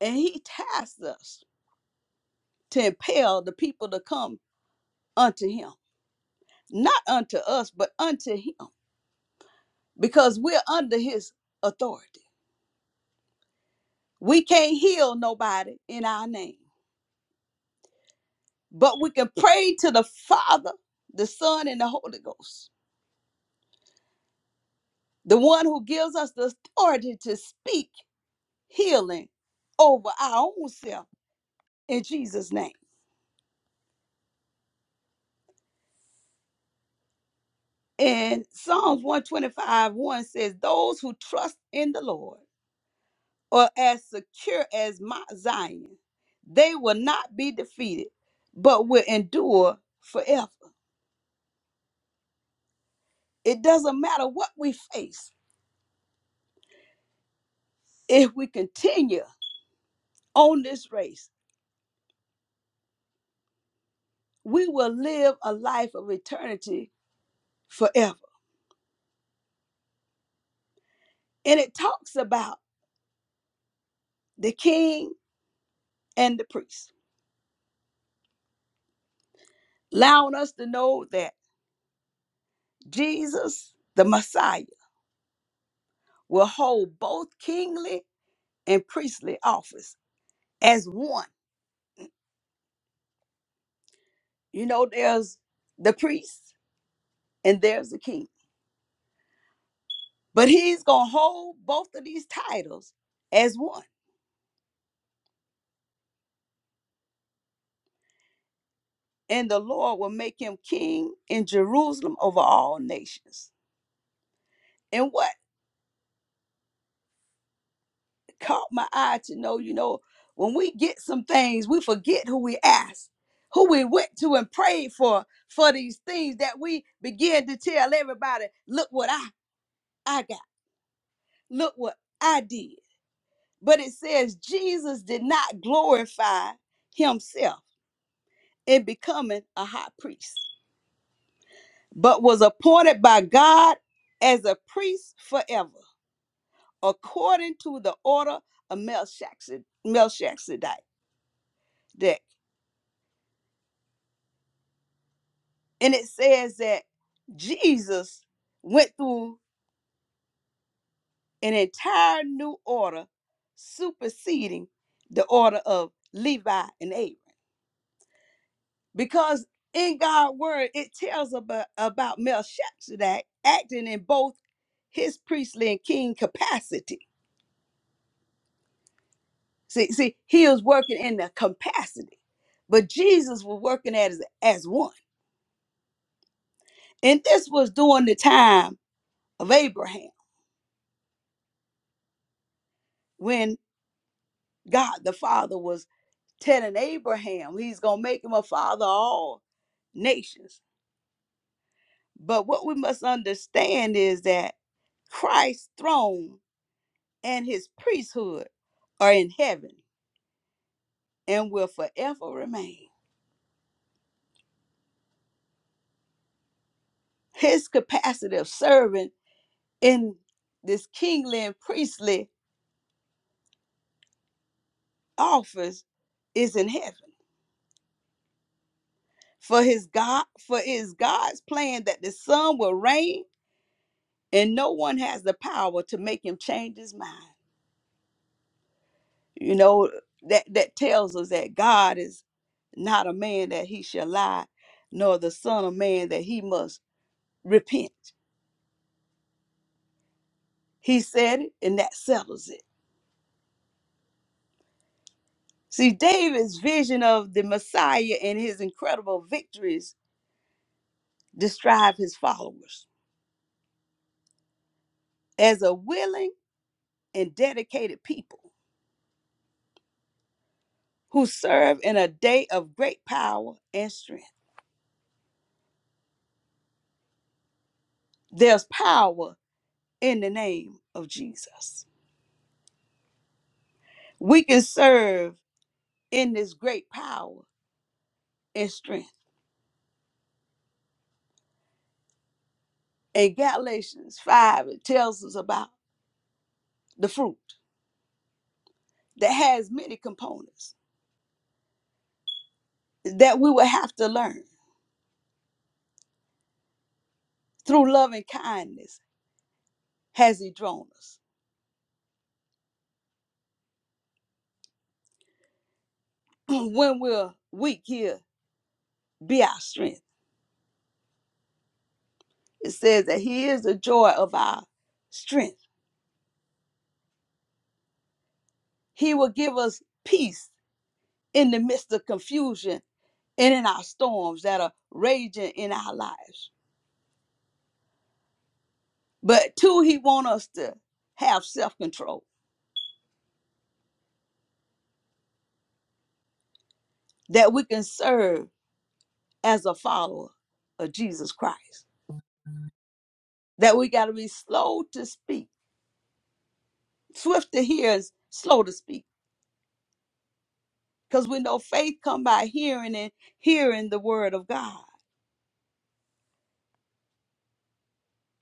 And he tasked us to impel the people to come unto him, not unto us, but unto him, because we're under his authority. We can't heal nobody in our name, but we can pray to the Father, the Son, and the Holy Ghost, the one who gives us the authority to speak healing over our own self in Jesus' name. And Psalms 125 1 says, Those who trust in the Lord are as secure as Mount Zion. They will not be defeated, but will endure forever. It doesn't matter what we face, if we continue on this race, we will live a life of eternity forever. And it talks about the king and the priest, allowing us to know that Jesus, the Messiah, will hold both kingly and priestly office as one. You know, there's the priest and there's the king. But he's going to hold both of these titles as one. And the Lord will make him king in Jerusalem over all nations. And what caught my eye to know, you know, when we get some things, we forget who we asked, who we went to and prayed for, for these things that we begin to tell everybody, look what I, I got, look what I did. But it says Jesus did not glorify himself in becoming a high priest, but was appointed by God as a priest forever, according to the order of Melchizedek. Melchizedek. And it says that Jesus went through an entire new order, superseding the order of Levi and Aaron. because in God's word it tells about, about Melchizedek acting in both his priestly and king capacity. See, see, he was working in the capacity, but Jesus was working as as one, and this was during the time of Abraham when God the Father was telling Abraham He's gonna make him a father of all nations. But what we must understand is that Christ's throne and his priesthood are in heaven and will forever remain. His capacity of serving in this kingly and priestly office is in heaven. For his God, for it is God's plan that the Son will reign, and no one has the power to make him change his mind. You know, that, that tells us that God is not a man that he shall lie, nor the son of man that he must repent. He said it, and that settles it. See, David's vision of the Messiah and his incredible victories describe his followers as a willing and dedicated people who serve in a day of great power and strength. There's power in the name of Jesus. We can serve in this great power and strength. In Galatians 5, it tells us about the fruit that has many components that we will have to learn through loving kindness has he drawn us. *clears throat* when we're weak, he'll be our strength. It says that he is the joy of our strength. He will give us peace in the midst of confusion and in our storms that are raging in our lives. But two, he wants us to have self-control, that we can serve as a follower of Jesus Christ. That we got to be slow to speak, swift to hear, and slow to speak Because we know faith come by hearing and hearing the word of God.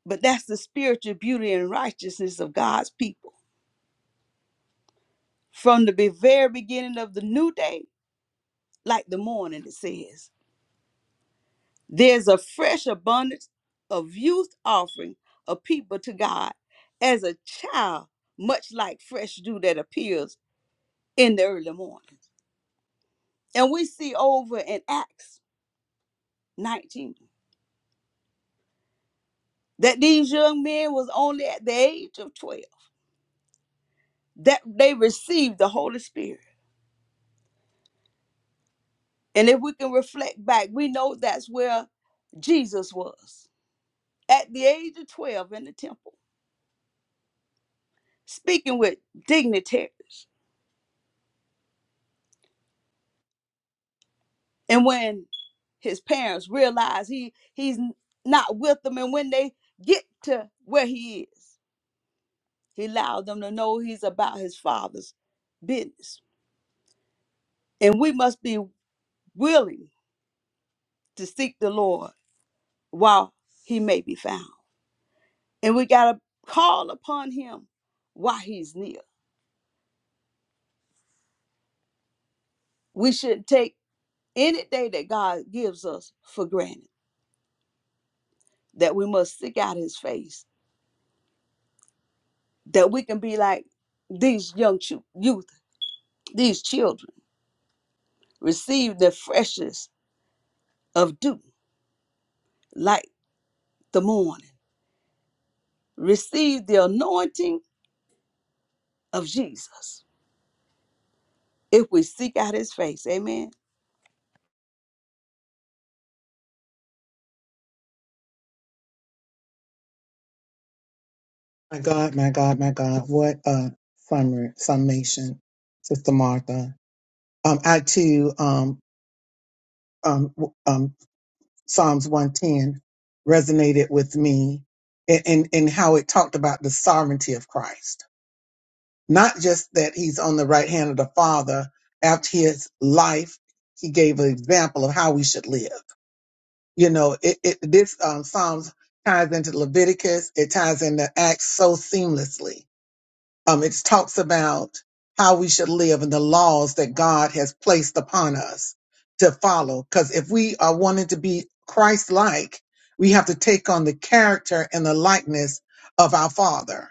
But that's the spiritual beauty and righteousness of God's people. From the be- very beginning of the new day, like the morning, it says, there's a fresh abundance of youth offering of people to God as a child, much like fresh dew that appears in the early morning. And we see over in Acts 19 that these young men was only at the age of 12 that they received the Holy Spirit. And if we can reflect back, we know that's where Jesus was at the age of 12 in the temple, speaking with dignitaries. And when his parents realize he he's not with them, and when they get to where he is, he allowed them to know he's about his father's business. And we must be willing to seek the Lord while he may be found. And we got to call upon him while he's near. We shouldn't take any day that God gives us for granted, that we must seek out his face, that we can be like these young chu- youth, these children, receive the freshness of dew like the morning, receive the anointing of Jesus if we seek out his face. Amen. My God, my God, my God. What a summer, summation, Sister Martha. Um, I too um, um, w- um, Psalms 110 resonated with me in, in, in how it talked about the sovereignty of Christ. Not just that he's on the right hand of the Father, after his life, he gave an example of how we should live. You know, it, it this um, Psalms ties into Leviticus, it ties into Acts so seamlessly um, it talks about how we should live and the laws that God has placed upon us to follow. Because if we are wanting to be Christ like, we have to take on the character and the likeness of our Father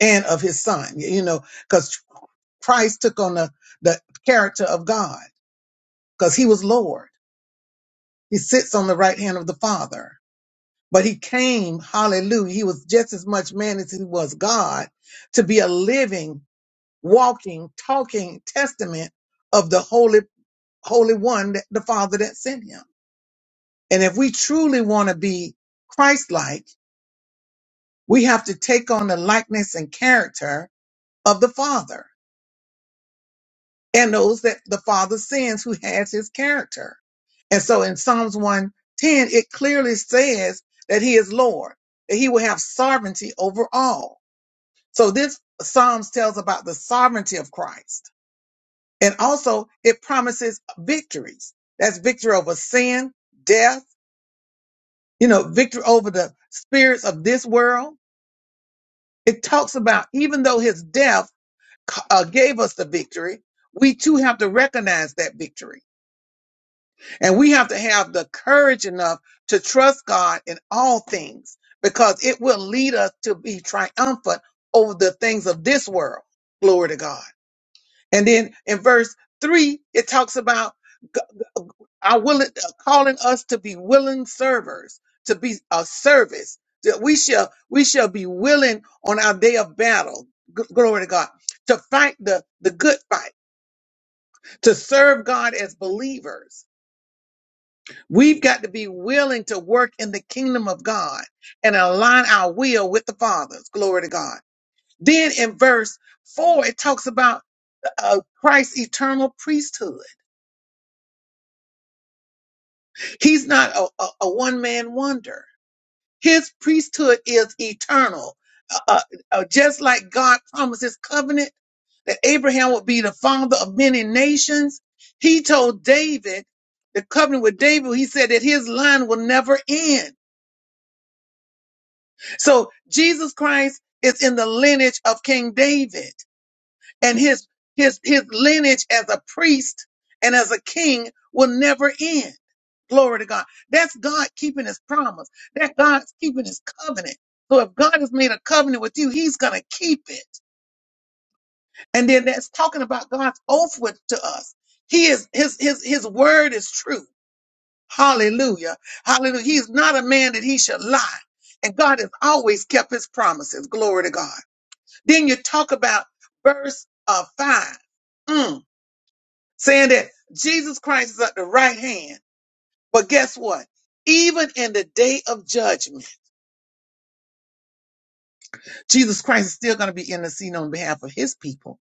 and of His Son, you know, because Christ took on the, the character of God because he was Lord. He sits on the right hand of the Father. But he came, hallelujah, he was just as much man as he was God to be a living walking, talking testament of the Holy, Holy One, that- the Father that sent him. And if we truly want to be Christ-like, we have to take on the likeness and character of the Father and those that the Father sends who has his character. And so in Psalms 110, it clearly says that he is Lord, that he will have sovereignty over all. So this Psalms tells about the sovereignty of Christ And also it promises victories. That's victory over sin, death, you know, victory over the spirits of this world. It talks about even though his death uh, gave us the victory, we too have to recognize that victory. And we have to have the courage enough to trust God in all things because it will lead us to be triumphant over the things of this world. Glory to God. And then in verse three, it talks about g- g- our willing, calling us to be willing servers, to be a service. That we shall we shall be willing on our day of battle. G- glory to God to fight the the good fight, to serve God as believers. We've got to be willing to work in the kingdom of God and align our will with the Father's. Glory to God. Then in verse four, it talks about uh, Christ's eternal priesthood He's not a, a, a one man wonder. His priesthood is eternal. Uh, uh, uh, just like God promised his covenant that Abraham would be the father of many nations, he told David, the covenant with David, he said that his line will never end. So Jesus Christ is in the lineage of King David. and his his his lineage as a priest and as a king will never end. Glory to God. That's God keeping his promise. That God's keeping his covenant. So if God has made a covenant with you, he's gonna keep it. And then that's talking about God's oath with to us. He is his his his word is true. Hallelujah. Hallelujah. He is not a man that he should lie. And God has always kept his promises. Glory to God. Then you talk about verse uh, 5. Mm. saying that Jesus Christ is at the right hand. But guess what? Even in the day of judgment, Jesus Christ is still going to be interceding on behalf of his people.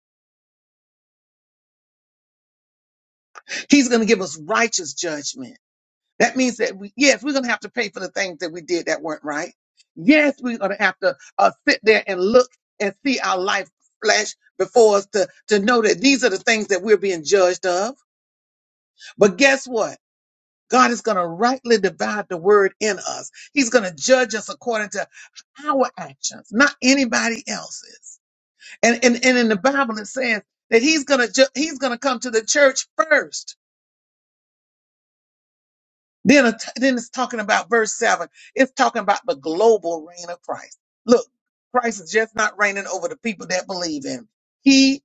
He's going to give us righteous judgment. That means that we, yes, we're going to have to pay for the things that we did that weren't right. Yes, we're going to have to uh, sit there and look and see our life flash before us to, to know that these are the things that we're being judged of. But guess what? God is going to rightly divide the word in us. He's going to judge us according to our actions, not anybody else's. And and, and in the Bible it says that he's going to ju- he's going to come to the church first. Then it- then it's talking about verse 7. It's talking about the global reign of Christ. Look, Christ is just not reigning over the people that believe in him. He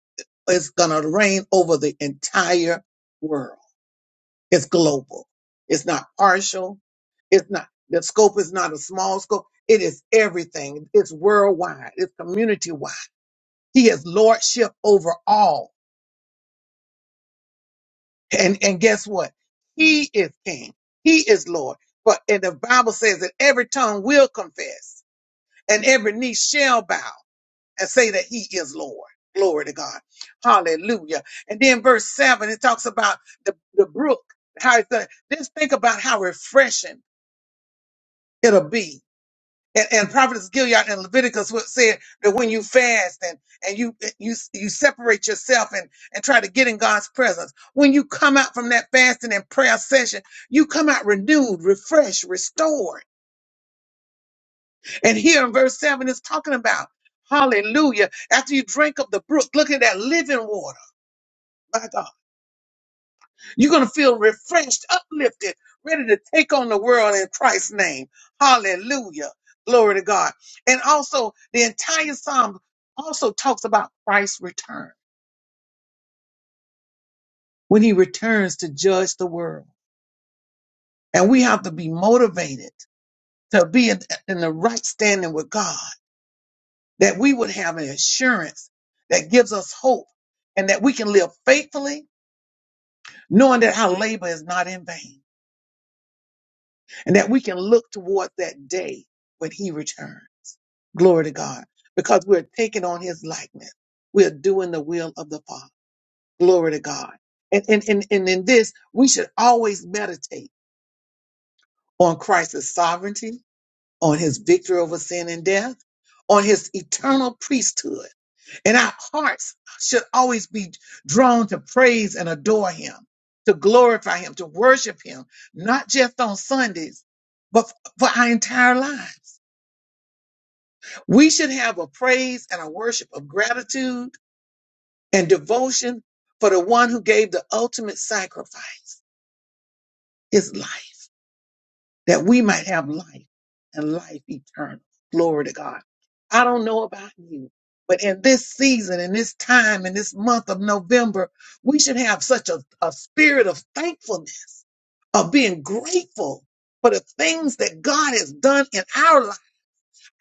is going to reign over the entire world. It's global. It's not partial. It's not, the scope is not a small scope. It is everything. It's worldwide. It's community wide. He has lordship over all. And, and guess what? He is king. He is Lord. But, and the Bible says that every tongue will confess and every knee shall bow and say that he is Lord. Glory to God. Hallelujah. And then verse seven, it talks about the, the brook, how it's going to, just think about how refreshing it'll be and, and prophetess Gilead and Leviticus what said that when you fast and and you you you separate yourself and and try to get in God's presence, when you come out from that fasting and prayer session, you come out renewed, refreshed, restored. And here in verse seven, it's talking about Hallelujah. After you drink up the brook, look at that living water. My God. You're going to feel refreshed, uplifted, ready to take on the world in Christ's name. Hallelujah. Glory to God. And also, the entire Psalm also talks about Christ's return when he returns to judge the world. And we have to be motivated to be in in the right standing with God, that we would have an assurance that gives us hope and that we can live faithfully, knowing that our labor is not in vain and that we can look toward that day when he returns. Glory to God. Because we're taking on his likeness. We're doing the will of the Father. Glory to God. And, and, and, and in this, we should always meditate on Christ's sovereignty, on his victory over sin and death, on his eternal priesthood. And our hearts should always be drawn to praise and adore him, to glorify him, to worship him, not just on Sundays, but for our entire lives. We should have a praise and a worship of gratitude and devotion for the one who gave the ultimate sacrifice, his life, that we might have life and life eternal. Glory to God. I don't know about you, but in this season, in this time, in this month of November, we should have such a, a spirit of thankfulness, of being grateful for the things that God has done in our life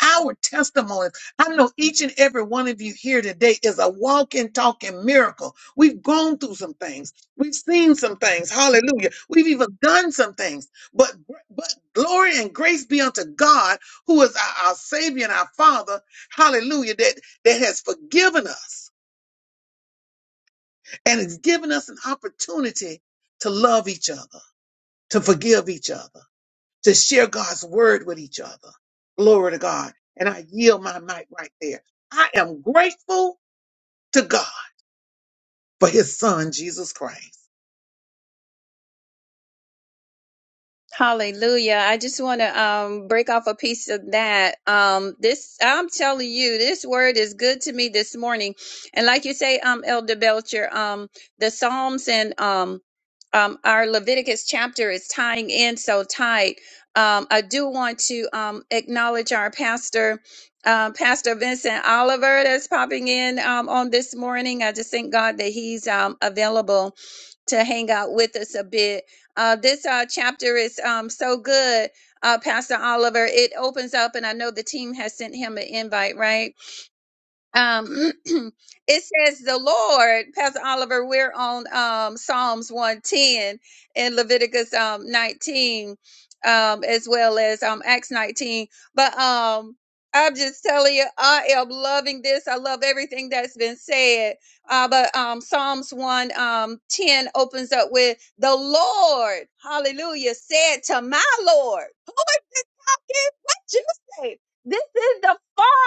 our testimonies. I know each and every one of you here today is a walking, talking miracle. We've gone through some things. We've seen some things. Hallelujah. We've even done some things. But, but glory and grace be unto God, who is our, our Savior and our Father. Hallelujah. That, that has forgiven us and has given us an opportunity to love each other, to forgive each other to share God's word with each other. Glory to God. And I yield my mic right there. I am grateful to God for his son, Jesus Christ. Hallelujah. I just want to um, break off a piece of that. Um, this, I'm telling you, this word is good to me this morning. And like you say, um, Elder Belcher, um, the Psalms and um, um, our Leviticus chapter is tying in so tight. Um, I do want to um, acknowledge our pastor, um, Pastor Vincent Oliver, that's popping in um, on this morning. I just thank God that he's um, available to hang out with us a bit. Uh, this uh, chapter is um, so good, uh, Pastor Oliver. It opens up, and I know the team has sent him an invite, right? um *clears throat* it says the lord pastor oliver we're on um psalms 110 and leviticus um 19 um as well as um acts 19 but um i'm just telling you i am loving this i love everything that's been said uh but um psalms 1 um 10 opens up with the lord hallelujah said to my lord *laughs* who is this talking what you say this is the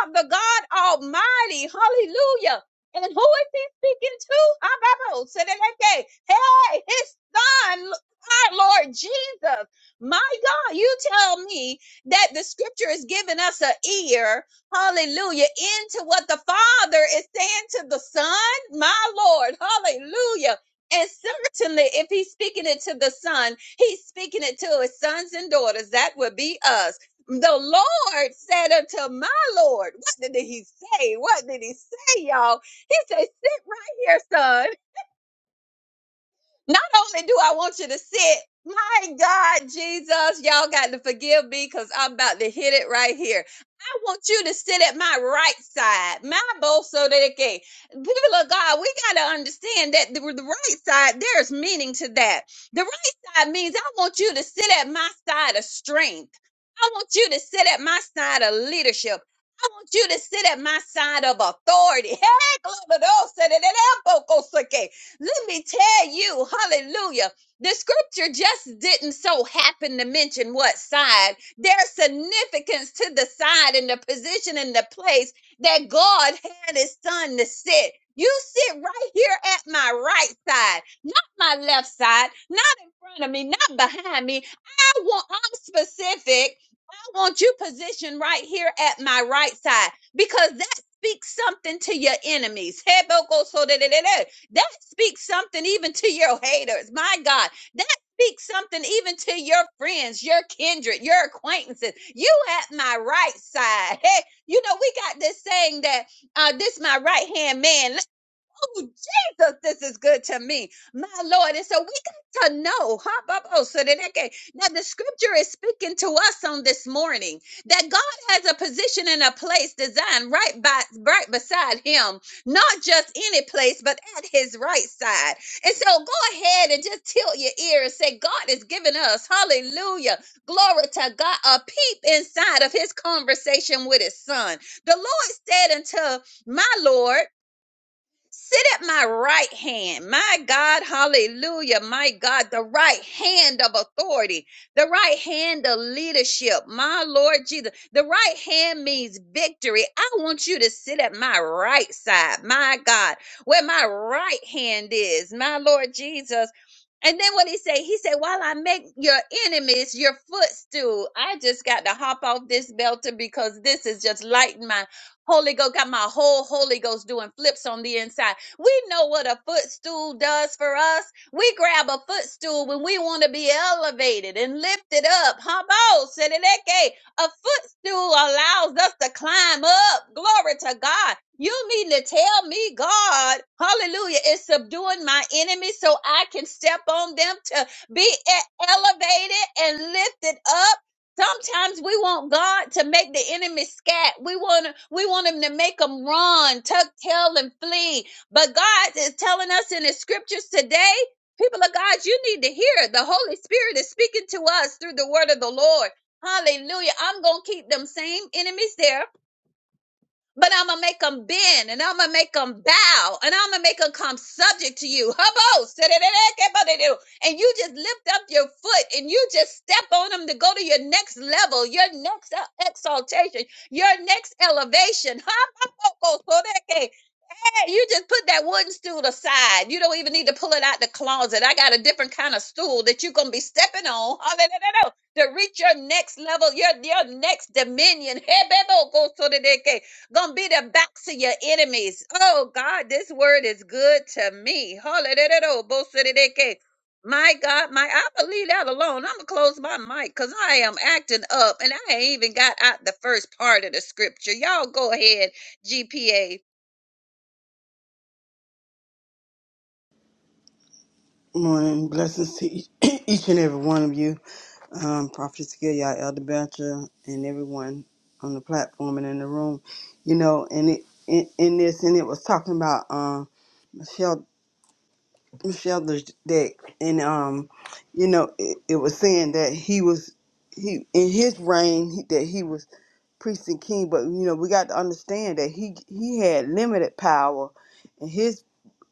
God, the God Almighty. Hallelujah. And who is he speaking to? Ababo, Sedeke. Hey, his son, our Lord Jesus. My God, you tell me that the scripture is giving us an ear, hallelujah, into what the Father is saying to the Son, my Lord, hallelujah. And certainly, if he's speaking it to the Son, he's speaking it to his sons and daughters. That would be us the Lord said unto my Lord. What did he say? What did he say, y'all? He said, Sit right here, son. Not only do I want you to sit, my God, Jesus, y'all got to forgive me because I'm about to hit it right here. I want you to sit at my right side, my bolso de que. People of God, we got to understand that the, the right side, there's meaning to that. The right side means I want you to sit at my side of strength. I want you to sit at my side of leadership. I want you to sit at my side of authority. *laughs* Hey, glory to God. Let me tell you, hallelujah. The scripture just didn't so happen to mention what side. There's significance to the side and the position and the place that God had his son to sit. You sit right here at my right side, not my left side, not in front of me, not behind me. I want I'm specific. I want you positioned right here at my right side because that speaks something to your enemies. Hebokosodededede. That speaks something even to your haters. My God, that speaks something even to your friends, your kindred, your acquaintances. You at my right side. Hey, you know, we got this saying that uh, this my right hand man. Oh, Jesus, this is good to me. My Lord. And so we got to know, huh? Bob? Oh, so that okay. Now the scripture is speaking to us on this morning that God has a position and a place designed right by right beside him, not just any place, but at his right side. And so go ahead and just tilt your ear and say, God is giving us, hallelujah, glory to God, a peep inside of his conversation with his son. The Lord said unto my Lord. Sit at my right hand. My God, hallelujah. My God, the right hand of authority, the right hand of leadership. My Lord Jesus, the right hand means victory. I want you to sit at my right side. My God, where my right hand is. My Lord Jesus, and then what he say? He said, "While I make your enemies your footstool, I just got to hop off this belter because this is just lighting my Holy Ghost. Got my whole Holy Ghost doing flips on the inside. We know what a footstool does for us. We grab a footstool when we want to be elevated and lifted up. Habo, sedeke. A footstool still allows us to climb up. Glory to God. You mean to tell me, God, hallelujah, is subduing my enemies so I can step on them to be e- elevated and lifted up? Sometimes we want God to make the enemy scat. We want we want him to make them run, tuck tail and flee. But God is telling us in the scriptures today, people of God, you need to hear. The Holy Spirit is speaking to us through the word of the Lord. Hallelujah. I'm going to keep them same enemies there, but I'm going to make them bend and I'm going to make them bow and I'm going to make them come subject to you. Hubbo, sidi-di-di-di-di-di-do. And you just lift up your foot and you just step on them to go to your next level, your next uh, exaltation, your next elevation. Hubbo, you just put that wooden stool aside. You don't even need to pull it out the closet. I got a different kind of stool that you're gonna be stepping on hallelujah, to reach your next level, your your next dominion. Hebebokosodeke, Gonna be the backs of your enemies. Oh God, this word is good to me. Hallelujah. bosodeke. My God, my I believe that alone. I'm gonna close my mic because I am acting up and I ain't even got out the first part of the scripture. Y'all go ahead, GPA. Morning. Blessings to each, *clears throat* each and every one of you. Um, Prophet Skillia, Elder Belcher, and everyone on the platform and in the room. You know, and it in, in this, and it was talking about um, Michelle Michelle the deck, and um, you know, it, it was saying that he was he in his reign he, that he was priest and king, but you know, we got to understand that he he had limited power. and his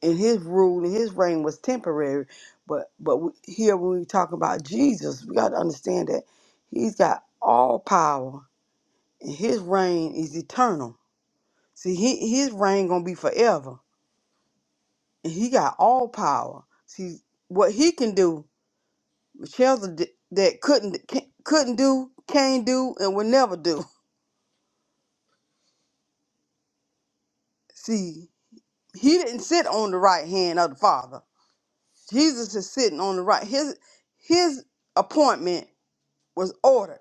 and his rule and his reign was temporary. But but we- here when we talk about Jesus, we got to understand that he's got all power and his reign is eternal. See, he, his reign gonna be forever, and he got all power. See what he can do, Michelle's a d- that couldn't can, couldn't do, can't do, and will never do. *laughs* See, he didn't sit on the right hand of the Father. Jesus is sitting on the right. His his appointment was ordered.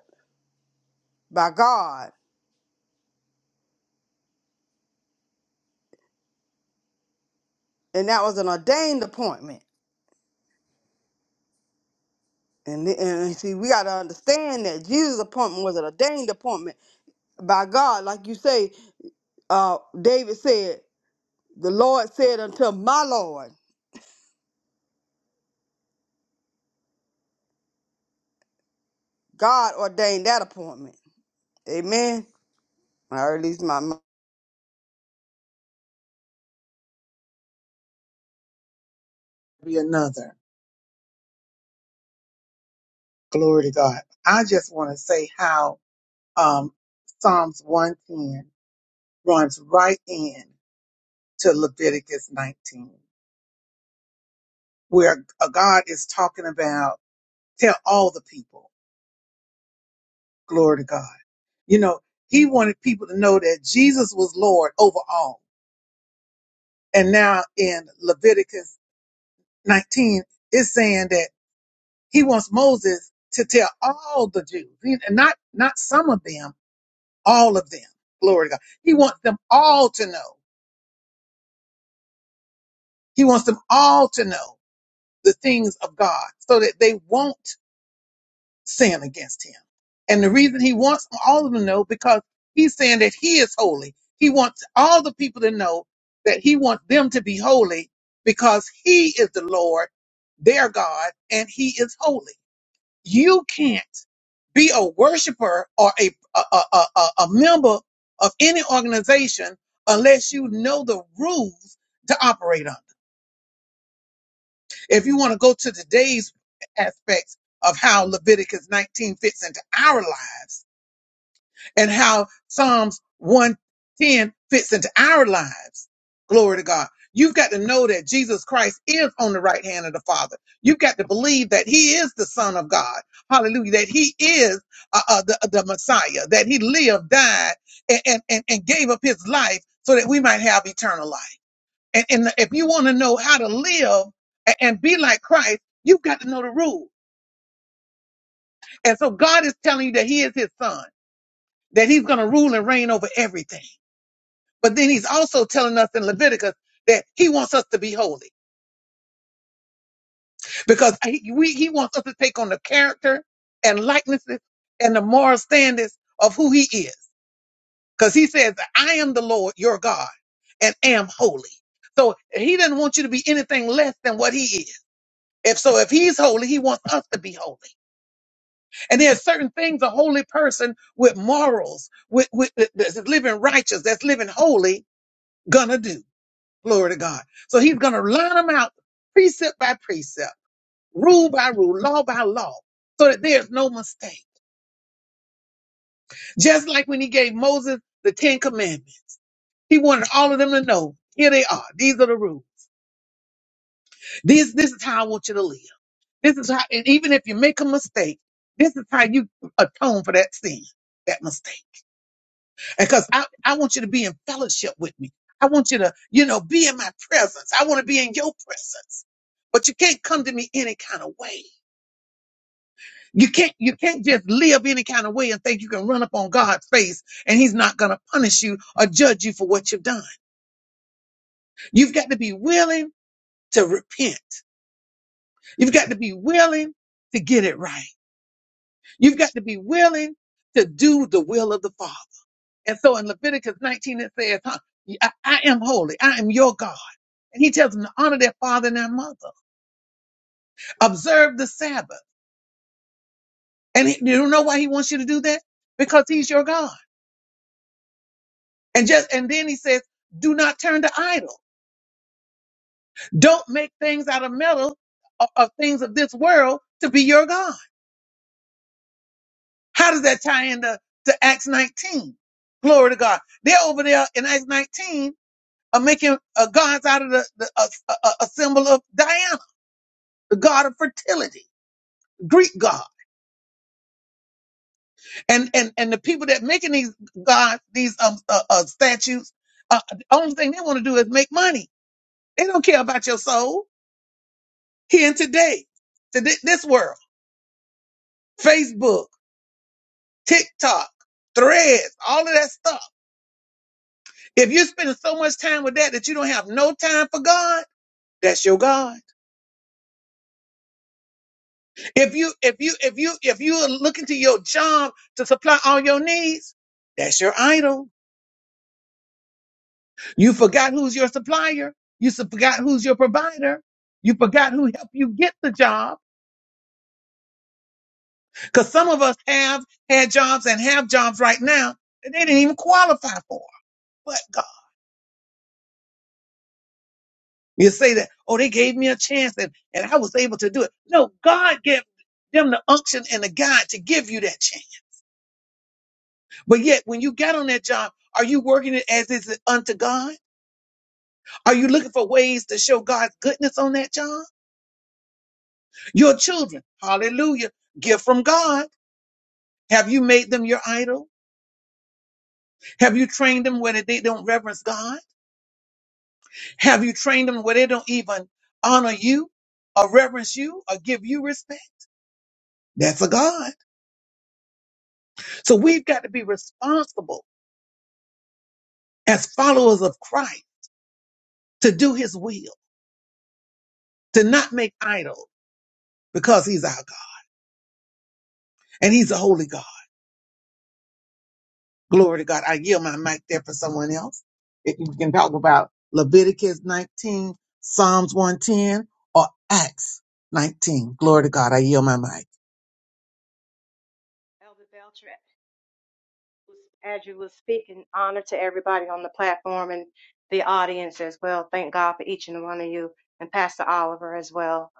by God, and that was an ordained appointment. And, and see, we got to understand that Jesus' appointment was an ordained appointment by God. Like you say, uh, David said, The Lord said unto my Lord, God ordained that appointment. Amen. I release my. mi- Be another. Glory to God. I just want to say how um, Psalms 110 runs right in to Leviticus 19, where uh, God is talking about tell all the people, glory to God. You know, he wanted people to know that Jesus was Lord over all. And now in Leviticus 19 is saying that he wants Moses to tell all the Jews, he- not not some of them, all of them. Glory to God. He wants them all to know. He wants them all to know the things of God so that they won't sin against him. And the reason he wants all of them to know because he's saying that he is holy. He wants all the people to know that he wants them to be holy because he is the Lord, their God, and he is holy. You can't be a worshiper or a a, a, a, a member of any organization unless you know the rules to operate under. If you want to go to today's aspects of how Leviticus 19 fits into our lives, and how Psalms 110 fits into our lives. Glory to God. You've got to know that Jesus Christ is on the right hand of the Father. You've got to believe that He is the Son of God. Hallelujah. That He is uh, uh, the, the Messiah, that He lived, died, and, and, and and gave up His life so that we might have eternal life. And, and if you want to know how to live a- and be like Christ, you've got to know the rules. And so God is telling you that He is His Son, that He's going to rule and reign over everything. But then he's also telling us in Leviticus that he wants us to be holy because he, we, he wants us to take on the character and likenesses and the moral standards of who he is. Because he says, I am the Lord your God and am holy. So he doesn't want you to be anything less than what he is. If so, if he's holy, he wants us to be holy. And there's certain things a holy person with morals, with, with that's living righteous, that's living holy, gonna do. Glory to God. So he's going to line them out precept by precept, rule by rule, law by law, so that there's no mistake. Just like when he gave Moses the Ten Commandments, he wanted all of them to know, here they are. These are the rules. This, this is how I want you to live. This is how, and even if you make a mistake, this is how you atone for that sin, that mistake. Because I, I want you to be in fellowship with me. I want you to, you know, be in my presence. I want to be in your presence. But you can't come to me any kind of way. You can't you can't just live any kind of way and think you can run up on God's face and he's not going to punish you or judge you for what you've done. You've got to be willing to repent. You've got to be willing to get it right. You've got to be willing to do the will of the Father. And so in Leviticus 19 it says, huh, I, I am holy. I am your God. And he tells them to honor their father and their mother. Observe the Sabbath. And he, you know why he wants you to do that? Because he's your God. And just and then he says, do not turn to idol. Don't make things out of metal of, of things of this world to be your God. How does that tie into to Acts 19? Glory to God. They're over there in Acts 19 are making uh, gods out of the, the a, a, a symbol of Diana, the god of fertility, Greek god. And and and the people that making these gods, these um uh, uh, statues, uh, the only thing they want to do is make money. They don't care about your soul here and today, to thi- this world. Facebook, TikTok, threads, all of that stuff. If you're spending so much time with that that you don't have no time for God, that's your God. If you if you if you if you are looking to your job to supply all your needs, that's your idol. You forgot who's your supplier. You s- forgot who's your provider. You forgot who helped you get the job. Because some of us have had jobs and have jobs right now that they didn't even qualify for. You say that, oh, they gave me a chance and, and I was able to do it. No, God gave them the unction and the God to give you that chance. But yet, when you got on that job, are you working it as is it unto God? Are you looking for ways to show God's goodness on that job? Your children, hallelujah, gift from God. Have you made them your idol? Have you trained them where they don't reverence God? Have you trained them where they don't even honor you or reverence you or give you respect? That's a God. So we've got to be responsible as followers of Christ to do his will, to not make idols because he's our God and he's a holy God. Glory to God. I yield my mic there for someone else. If you can talk about Leviticus 19, Psalms 110, or Acts 19. Glory to God. I yield my mic. Elder Belcher As you were speaking, honor to everybody on the platform and the audience as well. Thank God for each and one of you and Pastor Oliver as well.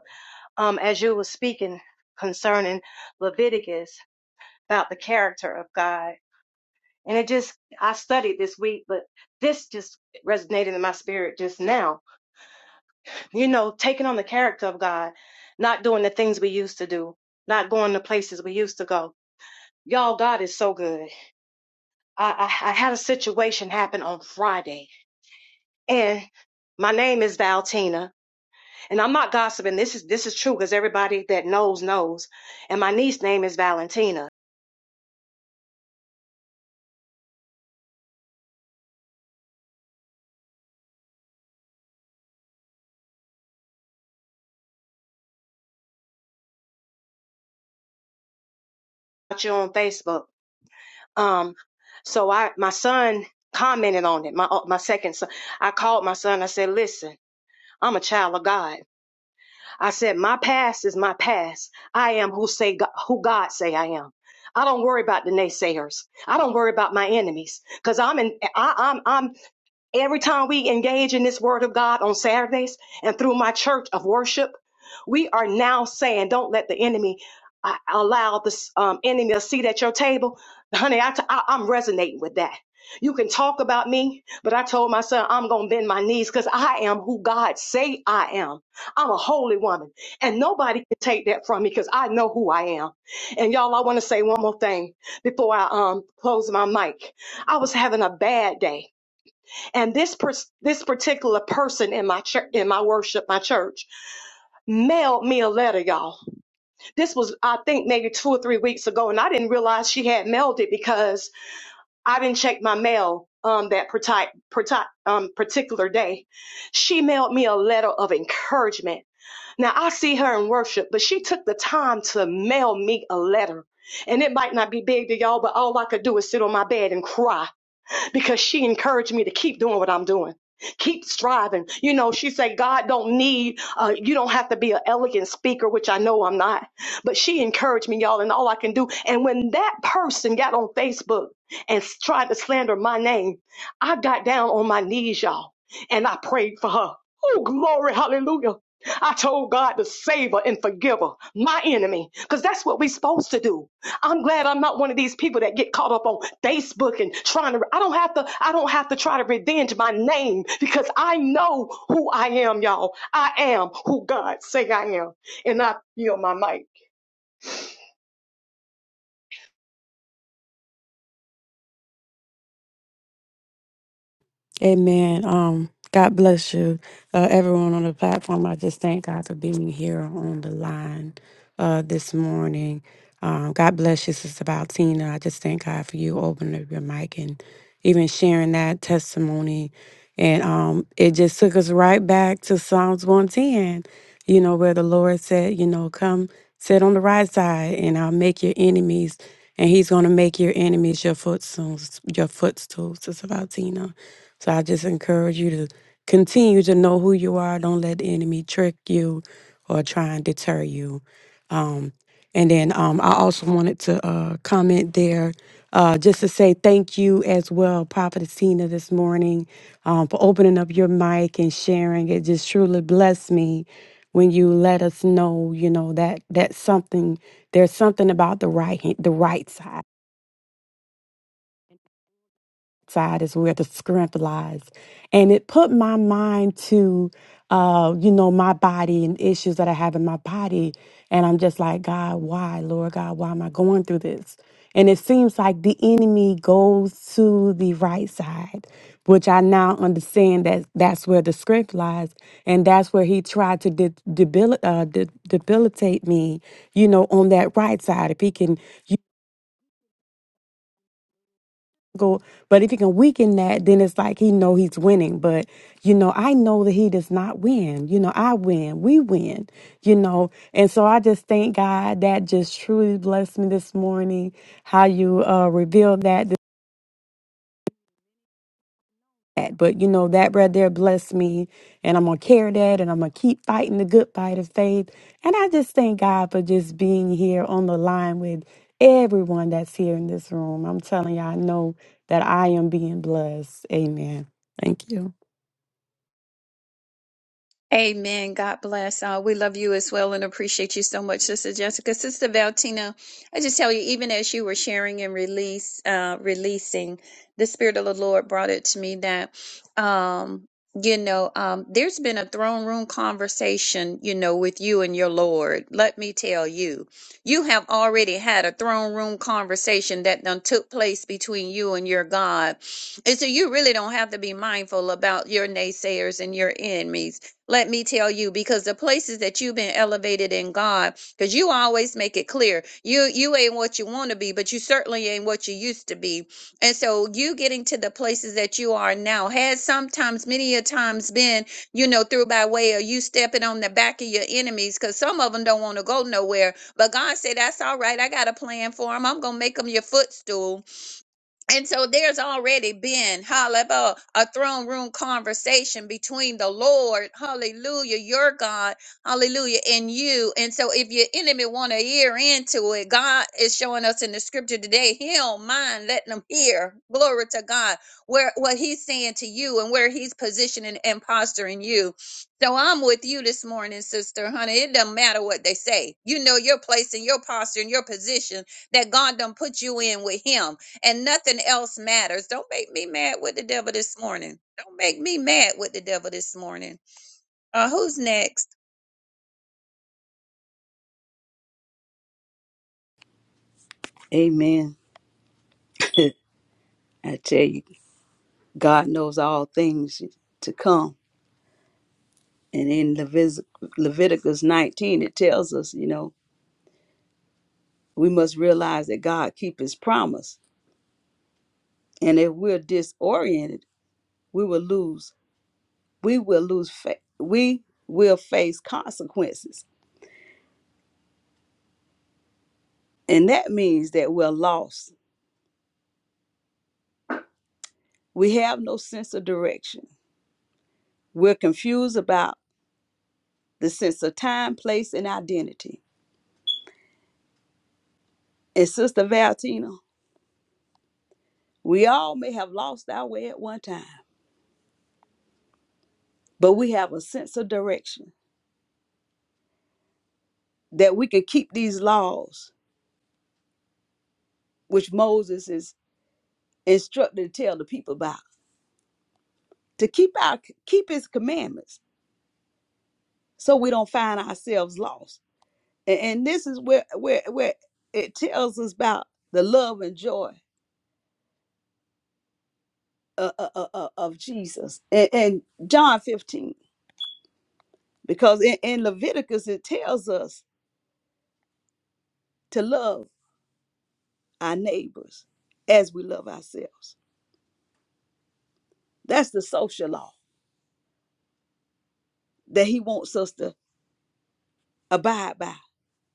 Um, as you were speaking concerning Leviticus about the character of God, and it just, I studied this week, but this just resonated in my spirit just now. You know, taking on the character of God, not doing the things we used to do, not going the places we used to go. Y'all, God is so good. I, I, I had a situation happen on Friday And my name is Valtina, and I'm not gossiping. This is this is true because everybody that knows knows. And my niece name is Valentina. Got you on Facebook. Um, so I my son commented on it. My uh, my second son. I called my son. I said, "Listen, I'm a child of God. I said my past is my past. I am who say God, who God say I am." I don't worry about the naysayers. I don't worry about my enemies because I'm in. I, I'm I'm Every time we engage in this word of God on Saturdays and through my church of worship, we are now saying, don't let the enemy uh, allow this um, enemy a seat at your table. Honey, I t- I, I'm resonating with that. You can talk about me, but I told my son I'm going to bend my knees because I am who God say I am. I'm a holy woman and nobody can take that from me because I know who I am. And y'all, I want to say one more thing before I um, close my mic. I was having a bad day and this per- this particular person in my church, in my worship, my church, mailed me a letter, y'all. This was, I think, maybe two or three weeks ago, and I didn't realize she had mailed it because I didn't check my mail um, that parti- parti- um, particular day. She mailed me a letter of encouragement. Now I see her in worship, but she took the time to mail me a letter. And it might not be big to y'all, but all I could do is sit on my bed and cry because she encouraged me to keep doing what I'm doing. Keep striving. You know, she said, God don't need, uh, you don't have to be an elegant speaker, which I know I'm not. But she encouraged me, y'all, and all I can do. And when that person got on Facebook and s- tried to slander my name, I got down on my knees, y'all, and I prayed for her. Oh, glory, hallelujah. I told God to save her and forgive her, my enemy, because that's what we're supposed to do. I'm glad I'm not one of these people that get caught up on Facebook and trying to I don't have to I don't have to try to revenge my name because I know who I am, y'all. I am who God say I am. And I feel my mic. Amen. Um, God bless you. uh, everyone on the platform. I just thank God for being here on the line uh, this morning. Um, God bless you, Sister Valtina. I just thank God for you opening up your mic and even sharing that testimony. And um, it just took us right back to Psalms 110, you know, where the Lord said, you know, come sit on the right side and I'll make your enemies. And he's going to make your enemies your footstools, your footstools, Sister Valtina. So I just encourage you to Continue to know who you are. Don't let the enemy trick you or try and deter you. Um, and then um, I also wanted to uh, comment there uh, just to say thank you as well, Prophet Tina, this morning um, for opening up your mic and sharing. It just truly blessed me when you let us know, you know that that's something. There's something about the right hand, the right side side is where the strength lies. And it put my mind to, uh, you know, my body and issues that I have in my body. And I'm just like, God, why, Lord God, why am I going through this? And it seems like the enemy goes to the right side, which I now understand that that's where the strength lies. And that's where he tried to de- debil- uh, de- debilitate me, you know, on that right side. If he can go but if he can weaken that then it's like he know he's winning but you know i know that he does not win you know i win we win you know and so i just thank god that just truly blessed me this morning how you uh revealed that that. But you know, that right there blessed me. And I'm going to carry that and I'm going to keep fighting the good fight of faith. And I just thank God for just being here on the line with everyone that's here in this room. I'm telling you, I know that I am being blessed. Amen. Thank you. Amen. God bless. Uh, we love you as well and appreciate you so much, Sister Jessica. Sister Valtina, I just tell you, even as you were sharing and release, uh, releasing, the Spirit of the Lord brought it to me that, um, you know, um, there's been a throne room conversation, you know, with you and your Lord. Let me tell you, you have already had a throne room conversation that done took place between you and your God. And so you really don't have to be mindful about your naysayers and your enemies let me tell you because the places that you've been elevated in god because you always make it clear you you ain't what you want to be but you certainly ain't what you used to be and so you getting to the places that you are now has sometimes many a times been you know through by way of you stepping on the back of your enemies because some of them don't want to go nowhere but god said that's all right i got a plan for them i'm gonna make them your footstool and so there's already been, hallelujah, a throne room conversation between the Lord, hallelujah, your God, hallelujah, and you. And so if your enemy want to ear into it, God is showing us in the scripture today, he don't mind letting them hear, glory to God, where what he's saying to you and where he's positioning and posturing you. So I'm with you this morning, sister, honey. It doesn't matter what they say. You know your place and your posture and your position that God done put you in with him and nothing else matters. Don't make me mad with the devil this morning. Don't make me mad with the devil this morning. Uh, who's next? Amen. *laughs* I tell you, God knows all things to come And in Levis- Leviticus 19, it tells us, you know, we must realize that God keeps his promise. And if we're disoriented, we will lose, we will lose, fa- we will face consequences. And that means that we're lost. We have no sense of direction. We're confused about the sense of time, place, and identity. And Sister Valentina, we all may have lost our way at one time, but we have a sense of direction that we can keep these laws which Moses is instructed to tell the people about, to keep our keep his commandments so we don't find ourselves lost. And, and this is where where where it tells us about the love and joy uh, uh, uh, uh, of Jesus. And, and John 15, because in, in Leviticus it tells us to love our neighbors as we love ourselves. That's the social law that he wants us to abide by.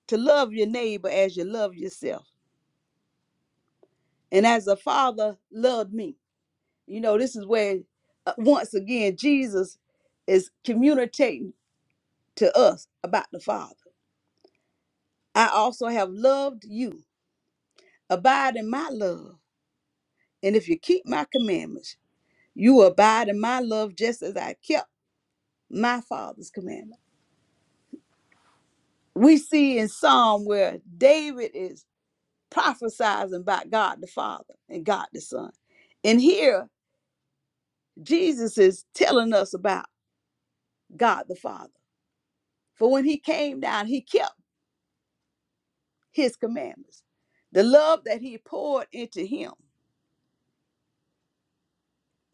To love your neighbor as you love yourself and as the father loved me you know this is where uh, once again jesus is communicating to us about the father i also have loved you abide in my love and if you keep my commandments you will abide in my love just as i kept my father's commandment we see in psalm where david is prophesizing about god the father and god the son and here jesus is telling us about god the father For when he came down, he kept his commandments. The love that he poured into him,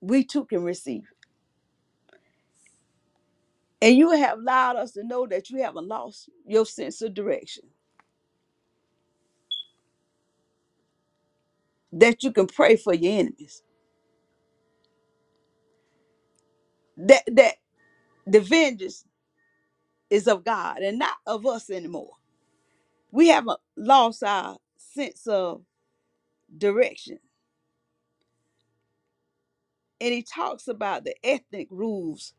we too can receive. And you have allowed us to know that you haven't lost your sense of direction, that you can pray for your enemies, that, that the vengeance is of God and not of us anymore. We haven't lost our sense of direction. And he talks about the ethnic rules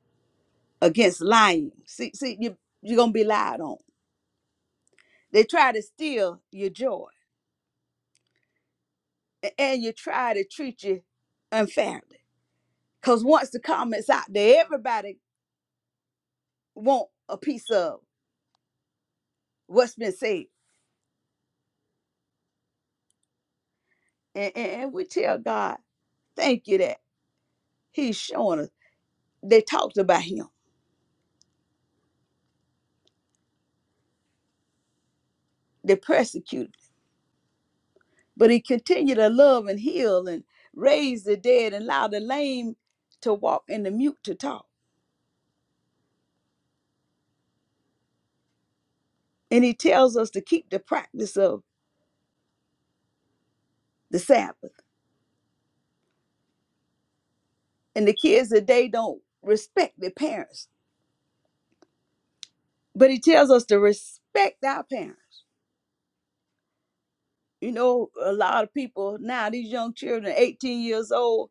against lying. See, see, you, you're going to be lied on. They try to steal your joy. a- and you try to treat you unfairly. Cause once the comments out there, everybody want a piece of what's been said, and, and, and we tell God, thank you that He's showing us. They talked about Him, they persecuted, but He continued to love and heal and raise the dead and allow the lame to walk and the mute to talk. And He tells us to keep the practice of the Sabbath. And the kids today don't respect their parents, but He tells us to respect our parents You know, a lot of people now, these young children, 18 years old,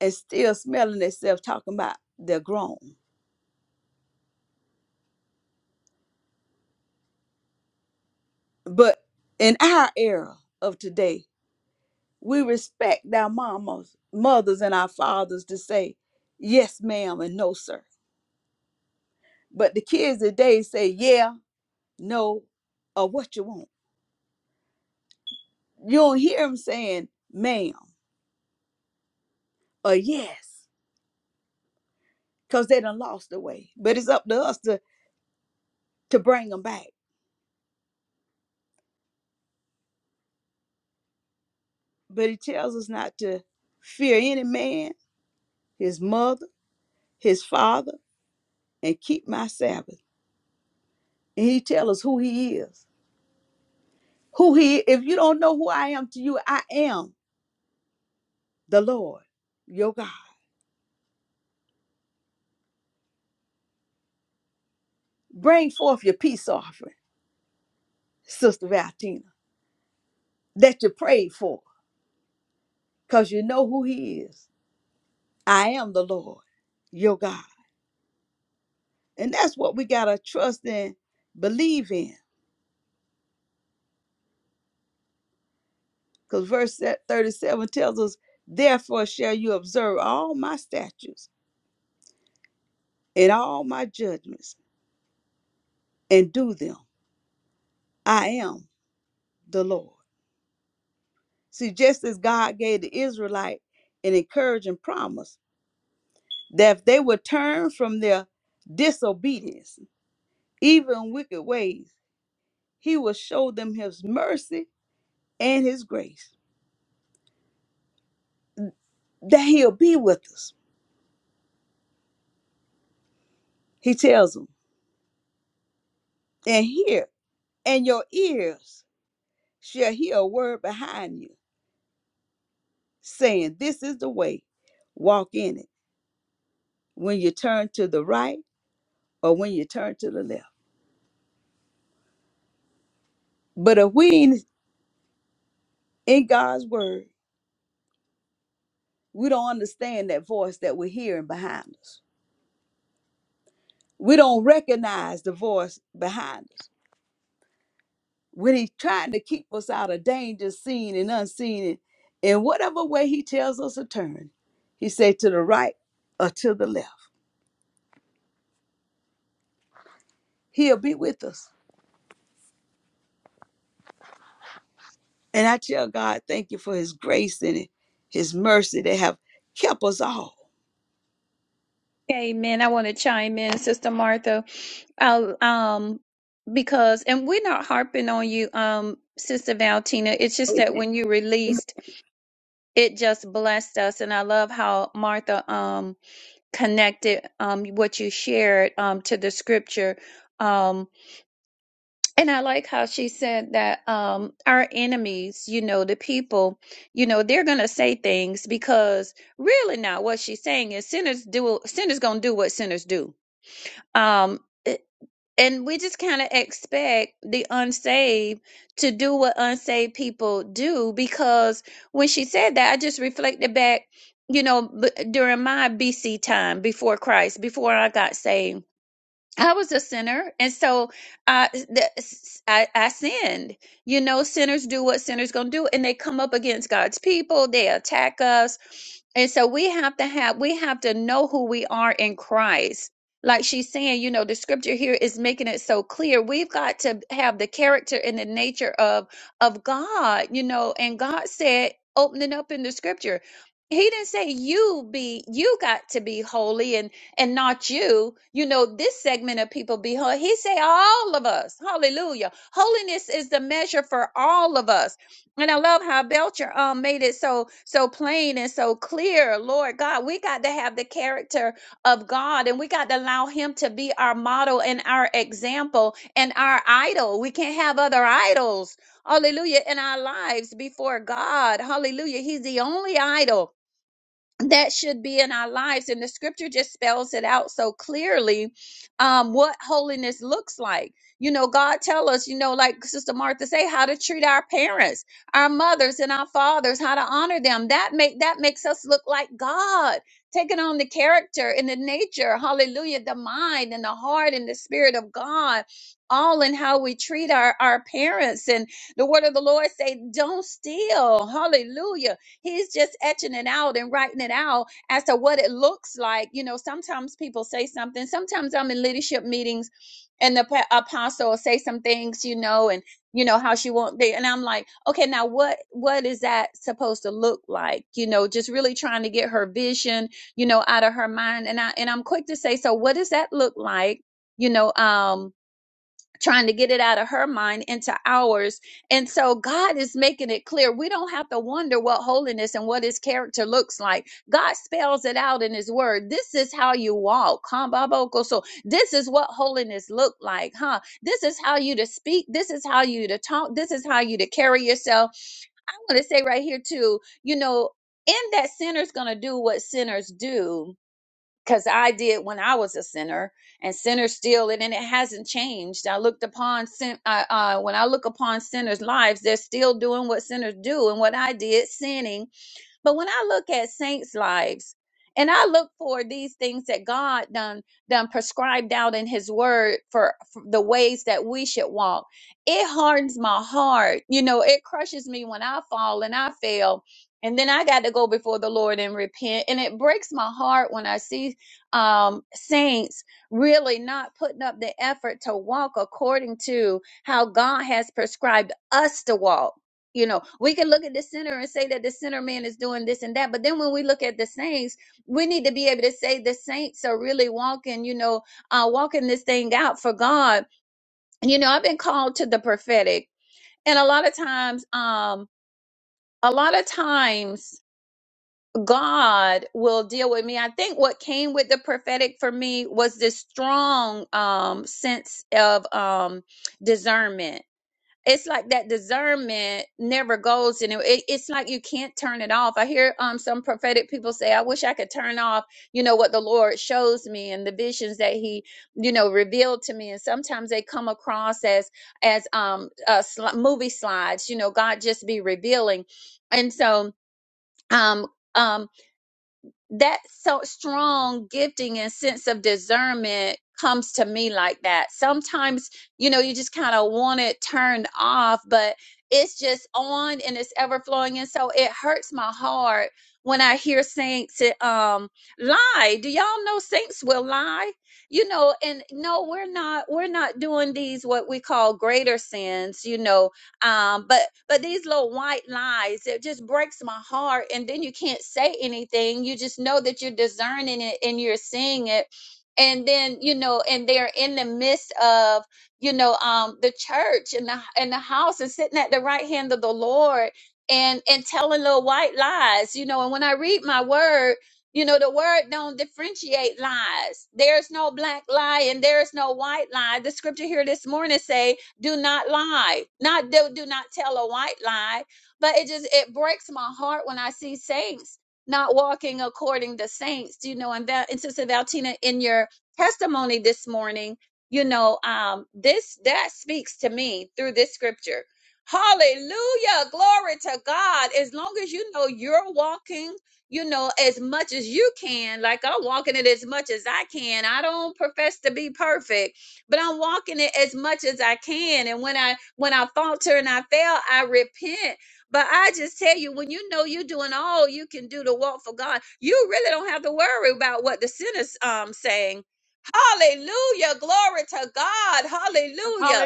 and still smelling themselves talking about they're grown. But in our era of today, we respect our mamas, mothers, and our fathers to say, yes, ma'am, and no, sir. But the kids today say, yeah, no, or what you want. You don't hear them saying, ma'am, or yes, because they done lost the way. But it's up to us to, to bring them back But he tells us not to fear any man, his mother, his father, and keep my Sabbath. And he tells us who he is. Who he if you don't know who I am to you, I am the Lord, your God. Bring forth your peace offering, Sister Valtina, that you prayed for, because you know who he is. I am the Lord, your God. And that's what we gotta trust in, believe in. Because verse 37 tells us, Therefore shall you observe all my statutes and all my judgments and do them. I am the Lord. See, just as God gave the Israelite an encouraging promise that if they would turn from their disobedience, even wicked ways, he will show them his mercy and his grace, that he'll be with us. He tells them, and hear, and your ears shall hear a word behind you saying, This is the way, walk in it. When you turn to the right or when you turn to the left. But if we ain't in God's word, we don't understand that voice that we're hearing behind us. We don't recognize the voice behind us. When he's trying to keep us out of danger, seen and unseen, and in whatever way he tells us to turn, he say to the right or to the left. He'll be with us. And I tell God, thank you for his grace and his mercy that have kept us all. Amen. I want to chime in, Sister Martha. I'll, um, because and we're not harping on you, um, Sister Valentina. It's just that Amen. when you released, it just blessed us, and I love how Martha um connected um what you shared um to the scripture um, And I like how she said that um, our enemies, you know, the people, you know, they're gonna say things because really now what she's saying is sinners do sinners gonna do what sinners do. Um, a- and we just kind of expect the unsaved to do what unsaved people do because when she said that, I just reflected back, you know, b- during my BC time before Christ, before I got saved I was a sinner, and so I, the, I I sinned. You know, sinners do what sinners gonna do, and they come up against God's people. They attack us, and so we have to have we have to know who we are in Christ. Like she's saying, you know, the scripture here is making it so clear. We've got to have the character and the nature of of God. You know, and God said, opening up in the scripture, He didn't say you be you got to be holy and not you. You know, this segment of people be holy. He say all of us. Hallelujah. Holiness is the measure for all of us. And I love how Belcher um made it so so plain and so clear. Lord God, we got to have the character of God and we got to allow him to be our model and our example and our idol. We can't have other idols. Hallelujah in our lives before God. Hallelujah. He's the only idol that should be in our lives. And the scripture just spells it out so clearly um, what holiness looks like. You know, God tell us, you know, like Sister Martha say, how to treat our parents, our mothers and our fathers, how to honor them. That make that makes us look like God, taking on the character and the nature, hallelujah, the mind and the heart and the spirit of God, all in how we treat our, our parents. And the word of the Lord say, don't steal, hallelujah He's just etching it out and writing it out as to what it looks like. You know, sometimes people say something. Sometimes I'm in leadership meetings and the pa- apostle will say some things, you know, and you know how she won't be and i'm like okay now what what is that supposed to look like you know just really trying to get her vision you know out of her mind and i and i'm quick to say so what does that look like you know um trying to get it out of her mind into ours. And so God is making it clear. We don't have to wonder what holiness and what his character looks like. God spells it out in his word. This is how you walk. huh, Baboko? So this is what holiness looked like, huh? This is how you to speak. This is how you to talk. This is how you to carry yourself. I want to say right here too, you know, in that sinner's going to do what sinners do because I did when I was a sinner, and sinners still, and, and it hasn't changed. I looked upon sin. Uh, uh, when I look upon sinners' lives, they're still doing what sinners do, and what I did, sinning but when I look at saints' lives and I look for these things that God done done prescribed out in his word for, for the ways that we should walk, it hardens my heart. You know, it crushes me when I fall and I fail. And then I got to go before the Lord and repent. And it breaks my heart when I see um, saints really not putting up the effort to walk according to how God has prescribed us to walk you know, we can look at the sinner and say that the sinner man is doing this and that, but then when we look at the saints, we need to be able to say the saints are really walking, you know, uh, walking this thing out for God. You know, I've been called to the prophetic, and a lot of times, um, a lot of times. God will deal with me. I think what came with the prophetic for me was this strong um sense of um discernment it's like that discernment never goes and it- it's like you can't turn it off i hear um some prophetic people say i wish i could turn off you know what the lord shows me and the visions that he you know revealed to me and sometimes they come across as as um uh, sli- movie slides you know god just be revealing and so um um that so strong gifting and sense of discernment comes to me like that. Sometimes, you know, you just kind of want it turned off, but it's just on and it's ever flowing. And so it hurts my heart when I hear saints eh, um lie. Do y'all know saints will lie? You know, and no, we're not we're not doing these what we call greater sins, you know, um, but but these little white lies it just breaks my heart and then you can't say anything you just know that you're discerning it and you're seeing it and then you know and they're in the midst of you know um the church and the and the house and sitting at the right hand of the lord and and telling little white lies you know and when i read my word you know the word don't differentiate lies there's no black lie and there's no white lie the scripture here this morning say do not lie not do, do not tell a white lie but it just it breaks my heart when i see saints not walking according to saints you know and that and sister valtina in your testimony this morning you know um this that speaks to me through this scripture hallelujah glory to god as long as you know you're walking you know, as much as you can. Like I'm walking it as much as I can. I don't profess to be perfect, but I'm walking it as much as I can. And when I when I falter and I fail, I repent. But I just tell you, when you know you're doing all you can do to walk for God, you really don't have to worry about what the sinner's um saying. Hallelujah. Glory to God. Hallelujah.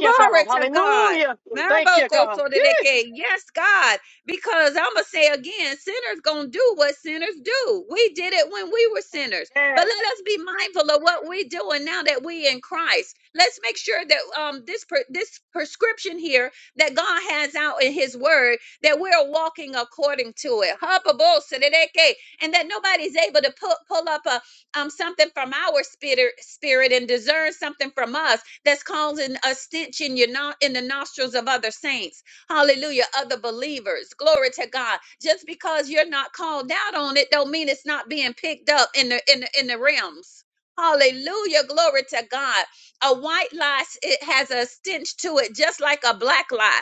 Glory to God. Marabokotoreleke. Yes, God. Because I'm going to say again, sinners going to do what sinners do. We did it when we were sinners. But let us be mindful of what we're doing now that we in Christ. Let's make sure that um this per- this prescription here that God has out in his word that we're walking according to it. Hababosereleke. And that nobody's able to pull, pull up a um something from our spirit spirit and discern something from us that's causing a stench in your no- in the nostrils of other saints. Hallelujah, other believers. Glory to God. Just because you're not called out on it, don't mean it's not being picked up in the in the, in the realms. Hallelujah, glory to God. A white lie, it has a stench to it, just like a black lie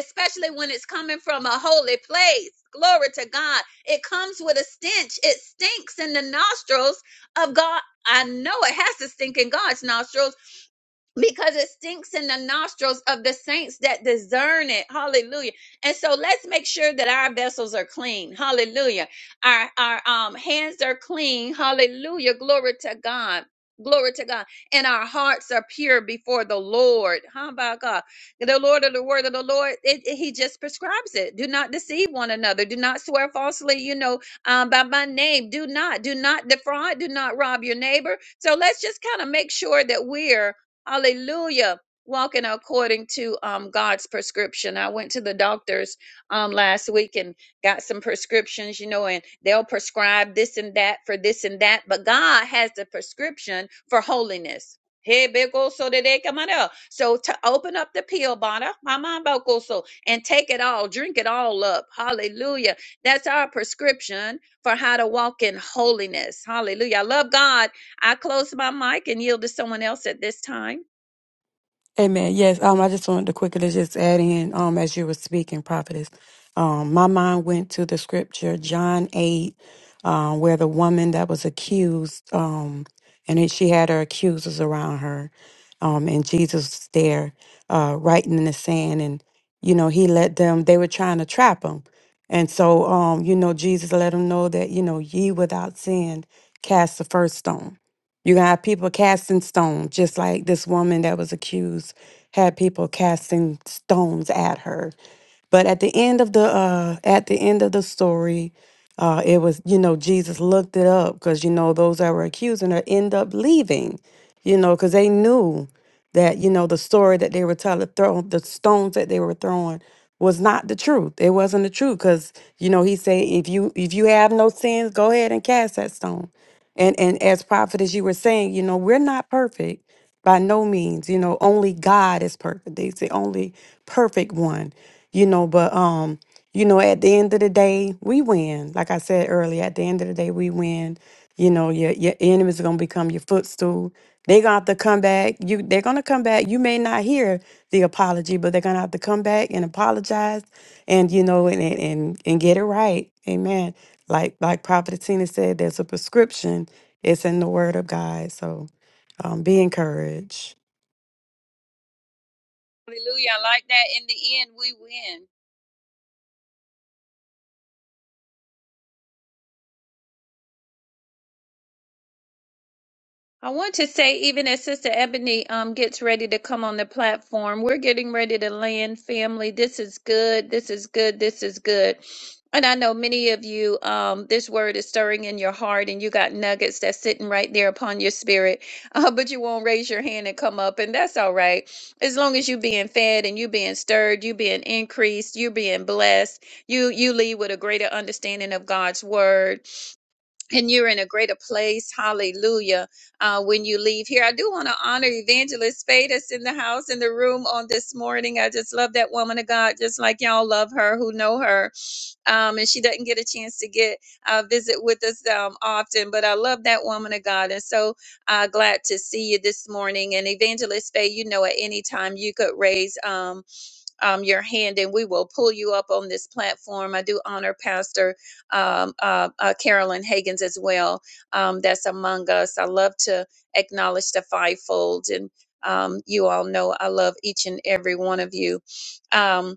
especially when it's coming from a holy place. Glory to God. It comes with a stench. It stinks in the nostrils of God. I know it has to stink in God's nostrils because it stinks in the nostrils of the saints that discern it. Hallelujah. And so let's make sure that our vessels are clean. Hallelujah. Our our um hands are clean. Hallelujah. Glory to God. Glory to God. And our hearts are pure before the Lord. How about God? The Lord of the word of the Lord, it, it- he just prescribes it. Do not deceive one another. Do not swear falsely, you know, um, by my name. Do not, do not defraud. Do not rob your neighbor. So let's just kind of make sure that we're Hallelujah. Walking according to um, God's prescription. I went to the doctors um, last week and got some prescriptions, you know, and they'll prescribe this and that for this and that. But God has the prescription for holiness. Hey, big so that they come out of. So to open up the pill bottle, my mind about so, and take it all, drink it all up. Hallelujah. That's our prescription for how to walk in holiness. Hallelujah. I love God I close my mic and yield to someone else at this time. Amen. Yes, um, I just wanted to quickly just add in, um, as you were speaking, prophetess. Um, my mind went to the scripture, John 8, um, where the woman that was accused, um, and then she had her accusers around her, um, and Jesus was there, uh, writing in the sand, and, you know, he let them, they were trying to trap him. And so, um, you know, Jesus let them know that, you know, ye without sin cast the first stone. You're gonna have people casting stones, just like this woman that was accused had people casting stones at her. But at the end of the uh at the end of the story, uh it was, you know, Jesus looked it up because you know those that were accusing her end up leaving, you know, because they knew that, you know, the story that they were telling throw the stones that they were throwing was not the truth. It wasn't the truth. Cause, you know, he said if you if you have no sins, go ahead and cast that stone. And and as prophet, as you were saying, you know, we're not perfect by no means. You know, only God is perfect. He's the only perfect one. You know, but um, you know, at the end of the day, we win. Like I said earlier, at the end of the day, we win. You know, your your enemies are gonna become your footstool. They're gonna have to come back. You they're gonna come back. You may not hear the apology, but they're gonna have to come back and apologize and you know and and and, and get it right. Amen. Like like Prophet Tina said, there's a prescription it's in the Word of God. So um, be encouraged. Hallelujah. I like that. In the end, we win. I want to say, even as Sister Ebony um, gets ready to come on the platform, we're getting ready to land family. This is good. This is good. This is good. And I know many of you, um, this word is stirring in your heart, and you got nuggets that's sitting right there upon your spirit, *laughs* uh, but you won't raise your hand and come up, and that's all right. As long as you being fed and you being stirred, you being increased, you being blessed, you you leave with a greater understanding of God's word and you're in a greater place. Hallelujah. Uh, when you leave here, I do want to honor Evangelist Fadis in the house, in the room on this morning. I just love that woman of God, just like y'all love her who know her. Um, and she doesn't get a chance to get uh, visit with us um, often, but I love that woman of God. And so uh, glad to see you this morning. And Evangelist Faye, you know, at any time you could raise. Um, um, your hand and we will pull you up on this platform. I do honor Pastor um, uh, uh, Carolyn Hagans as well, um, that's among us. I love to acknowledge the fivefold, and um, you all know I love each and every one of you. Um,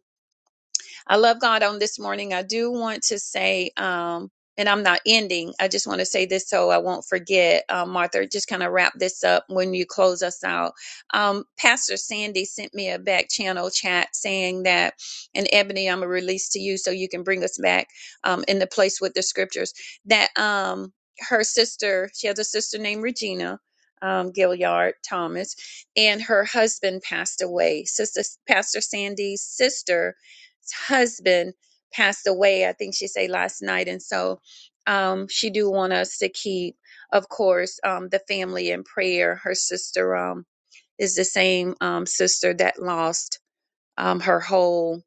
I love God on this morning. I do want to say, um, and I'm not ending. I just want to say this so I won't forget, uh, Martha. Just kind of wrap this up when you close us out. Um, Pastor Sandy sent me a back channel chat saying that, and Ebony, I'm a release to you so you can bring us back um, in the place with the scriptures. That um, her sister, she has a sister named Regina um, Gilliard Thomas, and her husband passed away. Sister Pastor Sandy's sister husband passed away i think she said last night and so um, she do want us to keep of course um, the family in prayer her sister um, is the same um, sister that lost um, her whole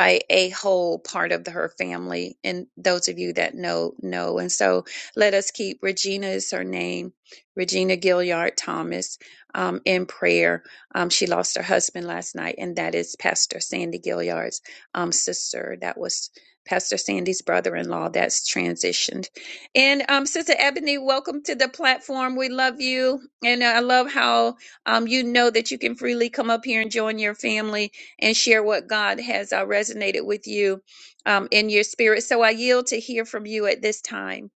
a, a whole part of the, her family. And those of you that know, know. And so let us keep Regina is her name, Regina Gilliard Thomas, um, in prayer. Um, she lost her husband last night, and that is Pastor Sandy Gilliard's um, sister. That was Pastor Sandy's brother in law that's transitioned. And um, Sister Ebony, welcome to the platform. We love you. And I love how um, you know that you can freely come up here and join your family and share what God has uh, resonated with you um, in your spirit. So I yield to hear from you at this time.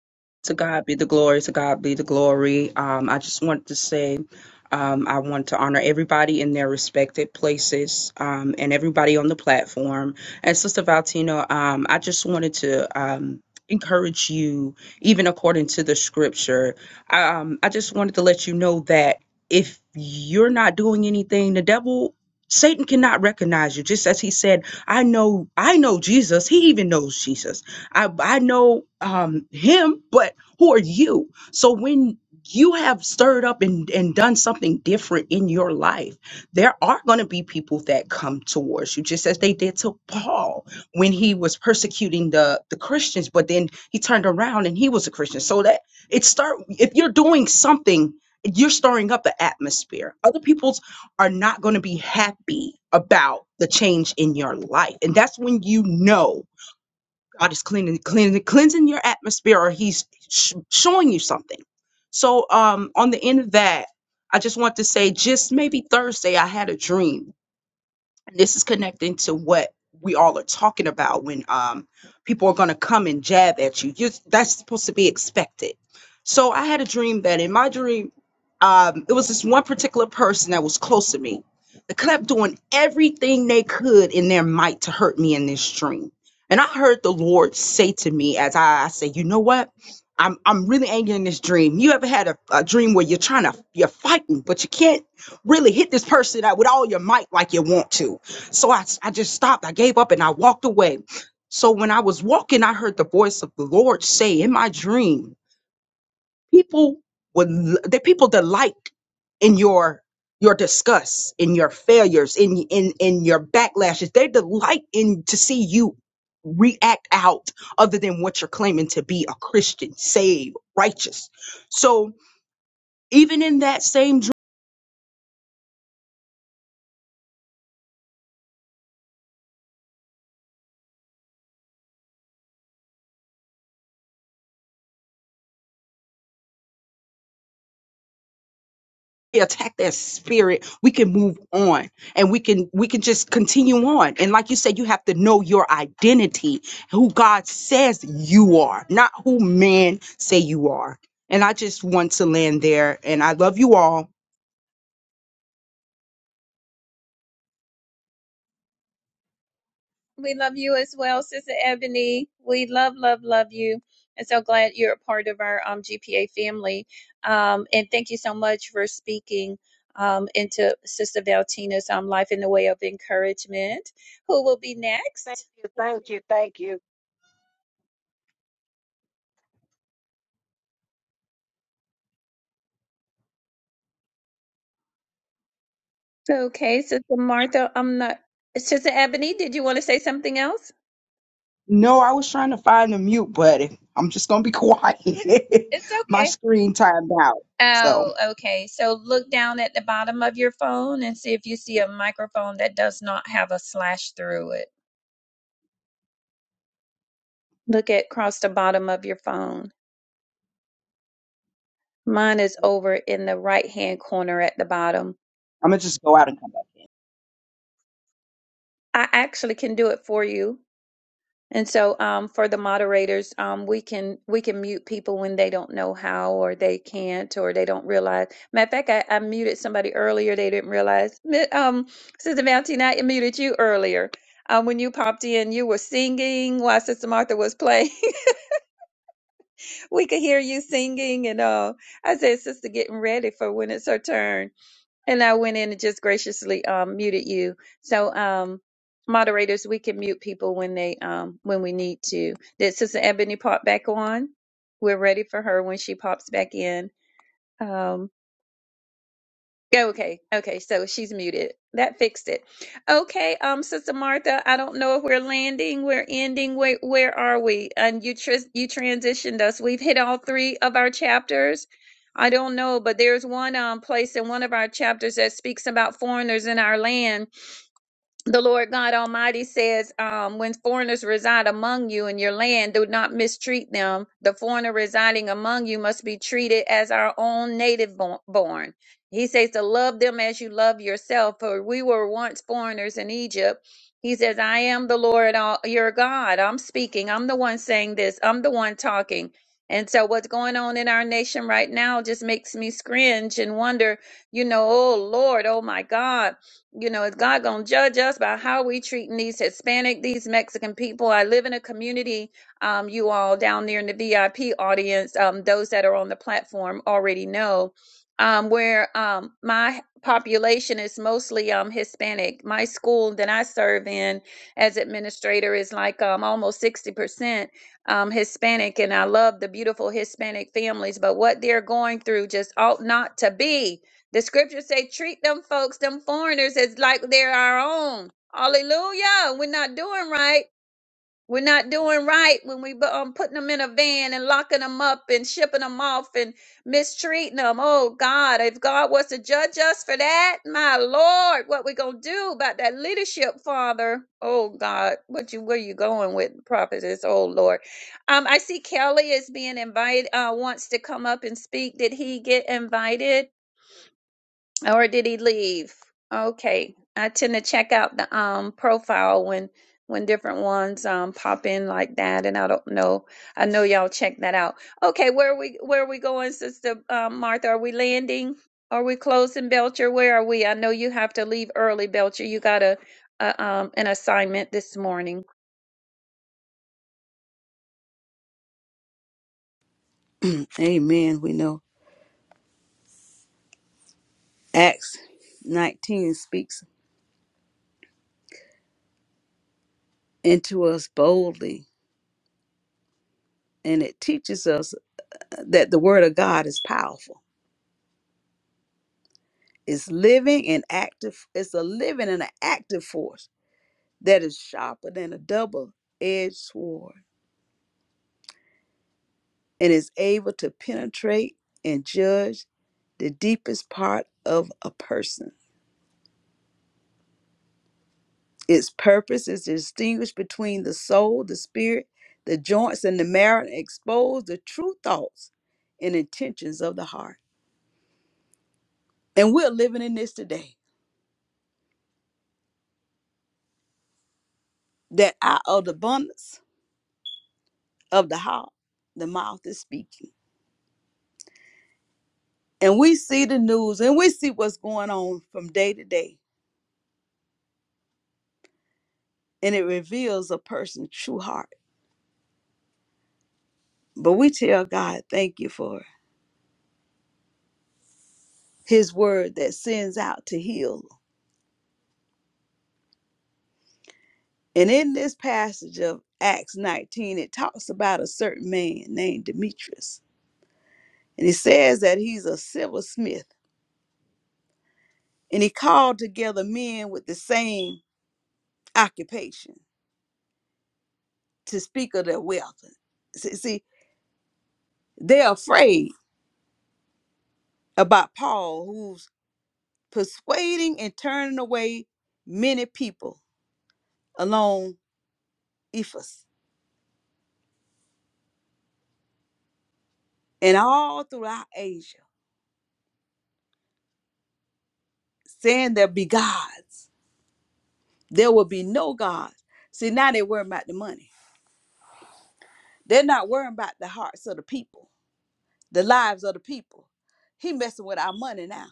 To God be the glory. To God be the glory. Um, I just wanted to say, um, I want to honor everybody in their respected places um, and everybody on the platform. And Sister Valtino, um, I just wanted to um, encourage you, even according to the scripture. Um, I just wanted to let you know that if you're not doing anything, the devil. Satan cannot recognize you, just as he said. I know, I know Jesus. He even knows Jesus. I I know um him, but who are you? So when you have stirred up and, and done something different in your life, there are going to be people that come towards you, just as they did to Paul when he was persecuting the, the Christians, but then he turned around and he was a Christian. So that it start if you're doing something, you're stirring up the atmosphere. Other people's are not going to be happy about the change in your life. And that's when you know God is cleaning, cleaning, cleansing your atmosphere, or He's sh- showing you something. So, um, on the end of that, I just want to say, just maybe Thursday, I had a dream, and this is connecting to what we all are talking about when um, people are going to come and jab at you. you that's supposed to be expected so i had a dream that in my dream um, it was this one particular person that was close to me that kept doing everything they could in their might to hurt me in this dream and i heard the lord say to me as i, I say you know what I'm, I'm really angry in this dream. You ever had a, a dream where you're trying to you're fighting, but you can't really hit this person out with all your might like you want to? So I I just stopped. I gave up and I walked away. So when I was walking, I heard the voice of the Lord say in my dream, people would l- the people delight in your your disgust, in your failures, in in in your backlashes. They delight in to see you react out other than what you're claiming to be a Christian, saved, righteous. So even in that same we attack that spirit we can move on and we can we can just continue on and like you said you have to know your identity who god says you are not who men say you are and i just want to land there and i love you all We love you as well, Sister Ebony. We love, love, love you. And so glad you're a part of our um, GPA family. Um, and thank you so much for speaking um, into Sister Valtina's um, life in the way of encouragement. Who will be next? Okay, Sister Martha, I'm not. Sister Ebony, did you want to say something else? no i was trying to find a mute but i'm just gonna be quiet *laughs* It's *laughs* my okay. screen timed out so Oh, okay. So look down at the bottom of your phone and see if you see a microphone that does not have a slash through it. Look at across the bottom of your phone. Mine is over in the right hand corner at the bottom. i'm gonna just go out and come back I actually can do it for you. And so, um, for the moderators, um, we can we can mute people when they don't know how, or they can't, or they don't realize. Matter of fact, I, I muted somebody earlier; they didn't realize. Mi- Um, Sister Valentina, I muted you earlier um, when you popped in. You were singing while Sister Martha was playing. *laughs* we could hear you singing, and uh, I said, "Sister, getting ready for when it's her turn." And I went in and just graciously um, muted you. So, um, moderators, we can mute people when they um, when we need to. Did Sister Ebony pop back on? We're ready for her when she pops back in. Um, Okay, okay, so she's muted. That fixed it. Okay, um, Sister Martha, I don't know if we're landing, we're ending. Where where are we? And you tr you transitioned us. We've hit all three of our chapters. I don't know, but there's one um place in one of our chapters that speaks about foreigners in our land the Lord God Almighty says, um, when foreigners reside among you in your land, do not mistreat them. The foreigner residing among you must be treated as our own native bo- born. He says to love them as you love yourself, for we were once foreigners in Egypt. He says, I am the Lord all, your God. I'm speaking. I'm the one saying this. I'm the one talking. And so, what's going on in our nation right now just makes me cringe and wonder, you know, oh Lord, oh my God you know, is God gonna judge us by how we treating these Hispanic, these Mexican people? I live in a community, um, you all down there in the VIP audience, um, those that are on the platform already know, um, where um my population is mostly um Hispanic. My school that I serve in as administrator is like um almost 60% um Hispanic, and I love the beautiful Hispanic families, but what they're going through just ought not to be. The scriptures say, treat them folks, them foreigners, as like they're our own. Hallelujah. We're not doing right. We're not doing right when we bu- um, putting them in a van and locking them up and shipping them off and mistreating them. Oh God, if God was to judge us for that, my Lord, what we gonna do about that leadership, Father? Oh God, what you where you going with prophetess? Oh Lord, um, I see Kelly is being invited. Uh, wants to come up and speak. Did he get invited? Or did he leave? Okay. I tend to check out the um profile when when different ones um pop in like that and I don't know. I know y'all check that out. Okay, where are we where are we going, sister um Martha? Are we landing? Are we closing Belcher? Where are we? I know you have to leave early, Belcher. You got a, a um an assignment this morning. *clears throat* Amen. We know Acts 19 speaks into us boldly and it teaches us that the word of God is powerful. It's living and active. It's a living and an active force that is sharper than a double edged sword and is able to penetrate and judge the deepest part of a person Its purpose is to distinguish between the soul, the spirit, the joints, and the marrow, and expose the true thoughts and intentions of the heart. And we're living in this today that out of the abundance of the heart, the mouth is speaking. And we see the news and we see what's going on from day to day, and it reveals a person's true heart. But we tell God, thank you for his word that sends out to heal And in this passage of Acts 19, it talks about a certain man named Demetrius. And it says that he's a silversmith. And he called together men with the same occupation to speak of their wealth. See, see, they're afraid about Paul, who's persuading and turning away many people along Ephesus and all throughout Asia, saying there be gods. There will be no gods. See, now they're worried about the money They're not worrying about the hearts of the people, the lives of the people. He messing with our money now.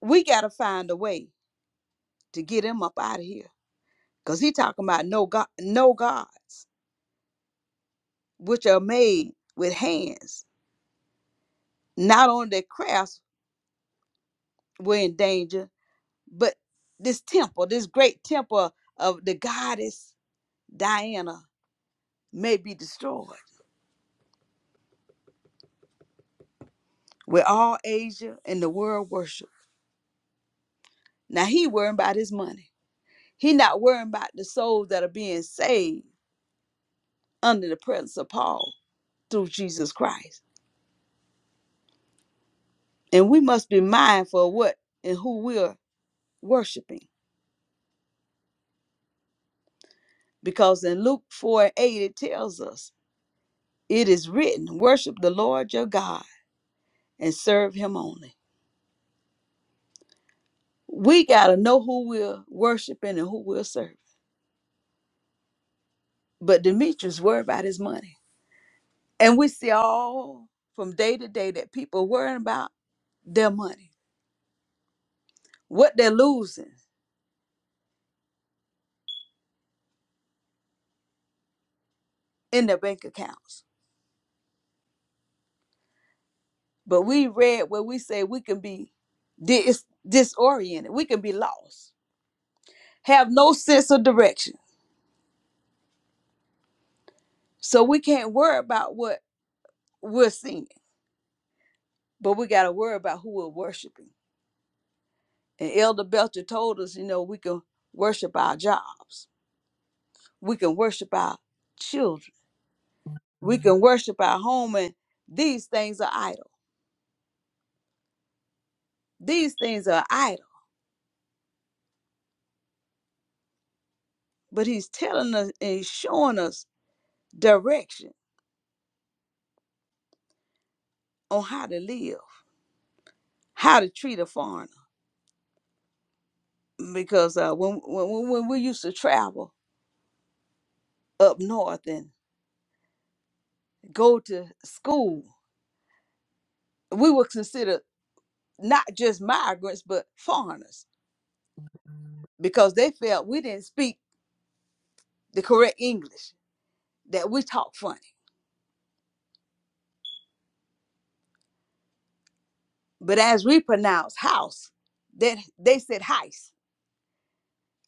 We gotta find a way to get him up out of here. Cause he talking about no god no gods, which are made with hands. Not only their crafts were in danger, but this temple, this great temple of the goddess Diana may be destroyed. Where all Asia and the world worship. Now he worrying about his money. He not worrying about the souls that are being saved under the presence of Paul through Jesus Christ. And we must be mindful of what and who we're worshiping. Because in Luke 4 and 8, it tells us, it is written, worship the Lord your God and serve him only. We got to know who we're worshiping and who we're serving. But Demetrius worried about his money. And we see all from day to day that people worrying about their money, what they're losing in their bank accounts But we read where we say we can be dis- disoriented, we can be lost, have no sense of direction. So we can't worry about what we're seeing, but we got to worry about who we're worshiping. And Elder Belcher told us, you know, we can worship our jobs, we can worship our children, we Mhm. can worship our home, and these things are idle. These things are idle. But he's telling us and he's showing us direction on how to live, how to treat a foreigner because uh, when, when when we used to travel up north and go to school, we were considered not just migrants but foreigners because they felt we didn't speak the correct English that we talk funny. But as we pronounce house, that they said heist.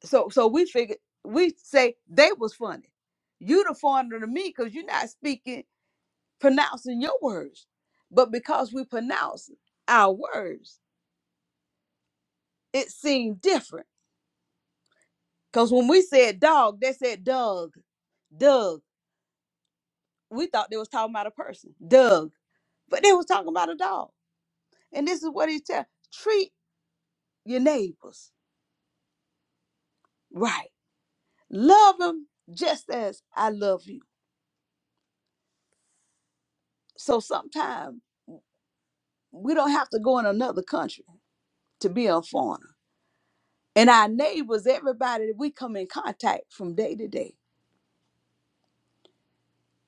So so we figured we say they was funny. You the foreigner to me because you're not speaking pronouncing your words, but because we pronounce our words, it seemed different Cause when we said dog, they said Doug, Doug. We thought they was talking about a person, Doug, but they was talking about a dog. And this is what he tell: treat your neighbors right, love them just as I love you. So sometimes we don't have to go in another country to be a foreigner. And our neighbors, everybody that we come in contact from day to day,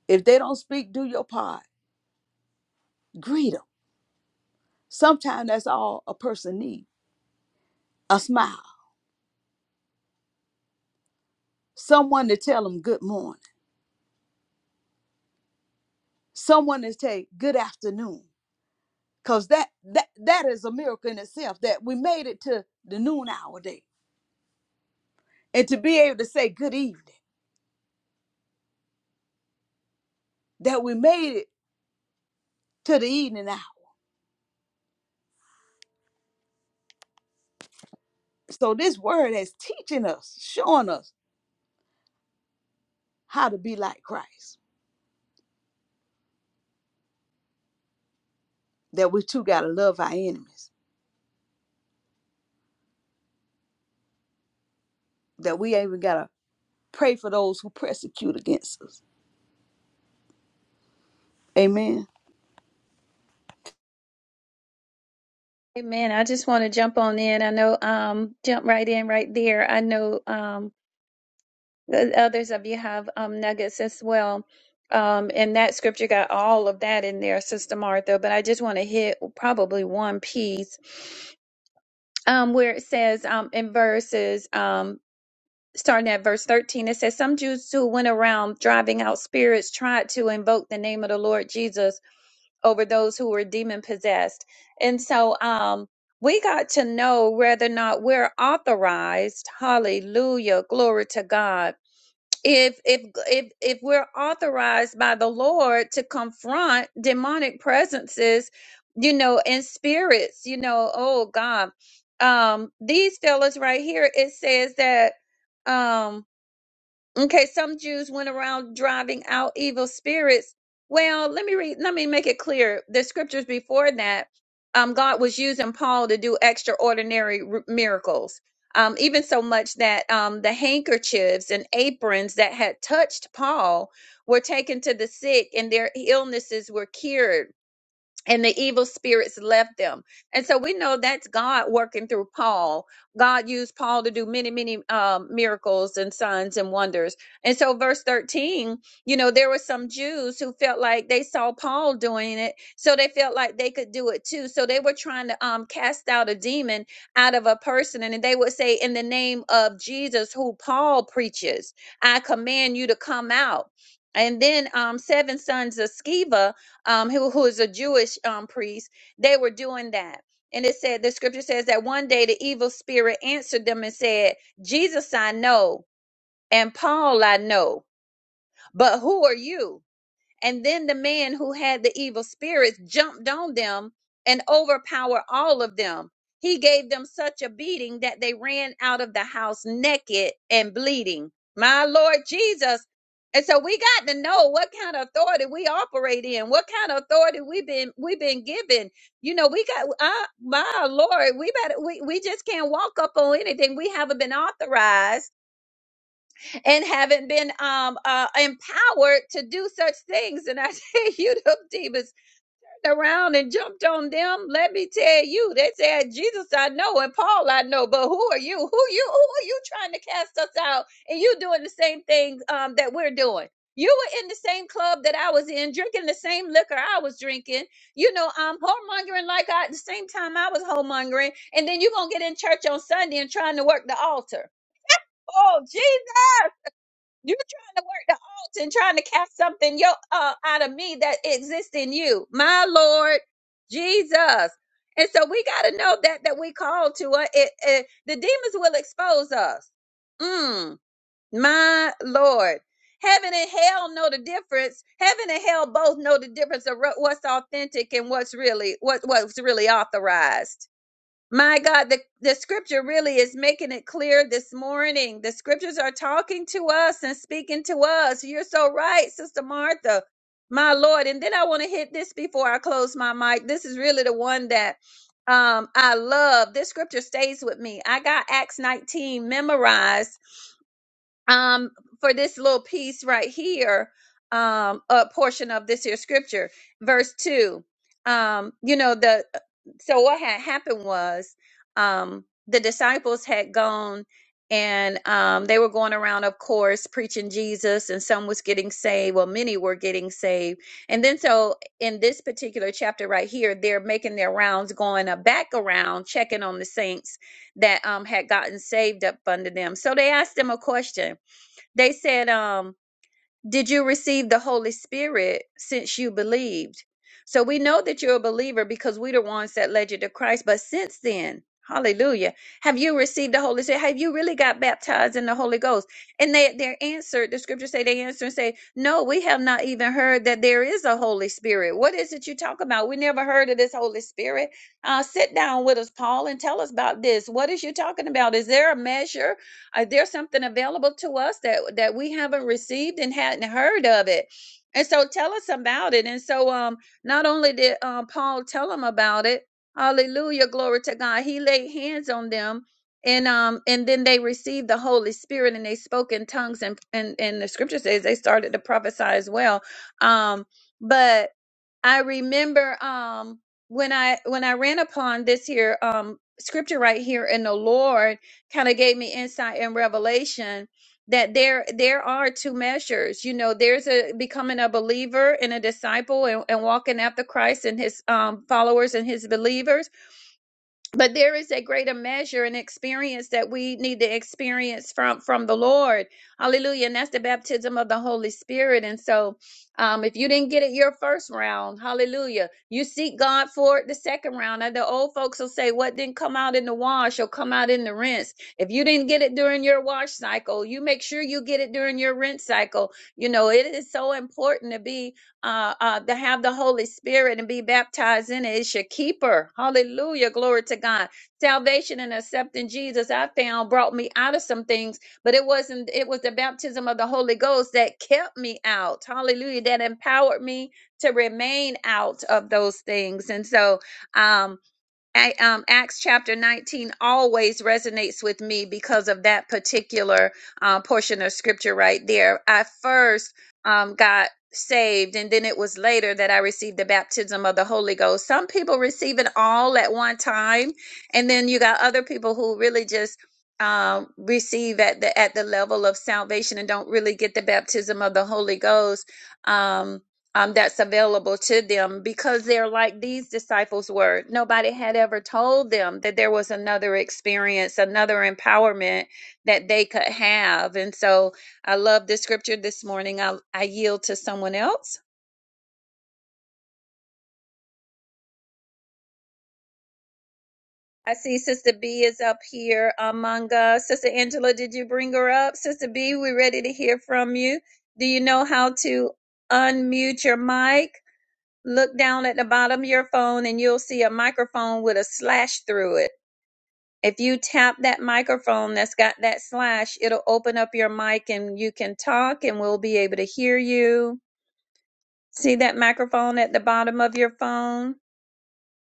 if they don't speak, do your part. Greet them. Sometimes that's all a person needs: a smile, someone to tell them good morning someone to say good afternoon because that that that is a miracle in itself that we made it to the noon hour day and to be able to say good evening that we made it to the evening hour so this word is teaching us showing us how to be like christ that we too got to love our enemies that we even got to pray for those who persecute against us amen Amen. I just want to jump on in. I know um jump right in right there. I know um the others of you have um, nuggets as well. Um, and that scripture got all of that in there, Sister Martha. But I just want to hit probably one piece um, where it says um, in verses, um, starting at verse 13, it says, Some Jews who went around driving out spirits tried to invoke the name of the Lord Jesus over those who were demon possessed. And so um, we got to know whether or not we're authorized, hallelujah, glory to God if if if if we're authorized by the Lord to confront demonic presences, you know, and spirits, you know, oh God. Um these fellas right here it says that um Okay, some Jews went around driving out evil spirits. Well, let me read, let me make it clear. The scriptures before that, um, God was using Paul to do extraordinary r- miracles. Um, even so much that um, the handkerchiefs and aprons that had touched Paul were taken to the sick and their illnesses were cured and the evil spirits left them. And so we know that's God working through Paul. God used Paul to do many, many um, miracles and signs and wonders. And so, verse 13, you know, there were some Jews who felt like they saw Paul doing it, so they felt like they could do it too. So they were trying to um, cast out a demon out of a person, and they would say, In the name of Jesus, who Paul preaches, I command you to come out. And then um, seven sons of Sceva um, who, who is a Jewish um, priest, they were doing that. And it said, the scripture says that one day the evil spirit answered them and said, Jesus I know, and Paul I know, but who are you? And then the man who had the evil spirits jumped on them and overpowered all of them. He gave them such a beating that they ran out of the house naked and bleeding. My Lord Jesus. And so we got to know what kind of authority we operate in, what kind of authority we've been we've been given. You know, we got uh, my Lord, we better we, we just can't walk up on anything we haven't been authorized and haven't been um uh, empowered to do such things. And I *laughs* tell you, the demons turned around and jumped on them. Let me tell you, they said, "Jesus, I know, and Paul, I know, but who are you? Who you? Who are you trying to cast us out? And you doing the same thing um, that we're doing." You were in the same club that I was in, drinking the same liquor I was drinking. You know, I'm whoremongering like I at the same time I was whoremongering, and then you're gonna get in church on Sunday and trying to work the altar. Oh Jesus! You're trying to work the alt and trying to cast something yo uh, out of me that exists in you, my Lord Jesus. And so we got to know that that we called to it. It, it. The demons will expose us. Mm, my Lord. Heaven and hell know the difference. Heaven and hell both know the difference of ru- what's authentic and what's really what, what's really authorized. My God, the, the scripture really is making it clear this morning. The scriptures are talking to us and speaking to us. You're so right, Sister Martha. My Lord. And then I want to hit this before I close my mic. This is really the one that um, I love. This scripture stays with me. I got Acts 19 memorized um, for this little piece right here, um, a portion of this here scripture, verse two. Um, you know the so what had happened was um, the disciples had gone and um, they were going around, of course, preaching Jesus, and some was getting saved. Well, many were getting saved, and then so in this particular chapter right here, they're making their rounds, going uh, back around, checking on the saints that um, had gotten saved up under them. So they asked them a question they said um did you receive the holy spirit since you believed so we know that you're a believer because we're the ones that led you to christ but since then hallelujah have you received the holy spirit have you really got baptized in the holy ghost and they their answer the scriptures say they answer and say no we have not even heard that there is a holy spirit what is it you talk about we never heard of this holy spirit uh sit down with us paul and tell us about this what is you talking about is there a measure uh, there's something available to us that that we haven't received and hadn't heard of it. And so tell us about it. And so um not only did um Paul tell them about it, hallelujah, glory to God. He laid hands on them and um and then they received the Holy Spirit and they spoke in tongues and and, and the scripture says they started to prophesy as well. Um but I remember um when I when I ran upon this here um scripture right here and the Lord kind of gave me insight and revelation that there there are two measures. You know, there's a becoming a believer and a disciple and, and walking after Christ and his um followers and his believers but there is a greater measure and experience that we need to experience from from the lord hallelujah and that's the baptism of the holy spirit and so um if you didn't get it your first round hallelujah you seek god for it the second round and the old folks will say what didn't come out in the wash will come out in the rinse if you didn't get it during your wash cycle you make sure you get it during your rinse cycle you know it is so important to be uh, uh, to have the Holy Spirit and be baptized in it. It's your keeper. Hallelujah. Glory to God. Salvation and accepting Jesus, I found, brought me out of some things, but it wasn't, it was the baptism of the Holy Ghost that kept me out. Hallelujah. That empowered me to remain out of those things. And so, um, I, um, Acts chapter 19 always resonates with me because of that particular uh, portion of scripture right there. I first um, got saved, and then it was later that I received the baptism of the Holy Ghost. Some people receive it all at one time, and then you got other people who really just um, receive at the at the level of salvation and don't really get the baptism of the Holy Ghost. Um, um, that's available to them because they're like these disciples were. Nobody had ever told them that there was another experience, another empowerment that they could have. And so I love the scripture this morning. I, I yield to someone else. I see Sister B is up here among us. Sister Angela, did you bring her up? Sister B, we're ready to hear from you. Do you know how to unmute your mic? Look down at the bottom of your phone and you'll see a microphone with a slash through it If you tap that microphone that's got that slash, it'll open up your mic and you can talk and we'll be able to hear you. See that microphone at the bottom of your phone?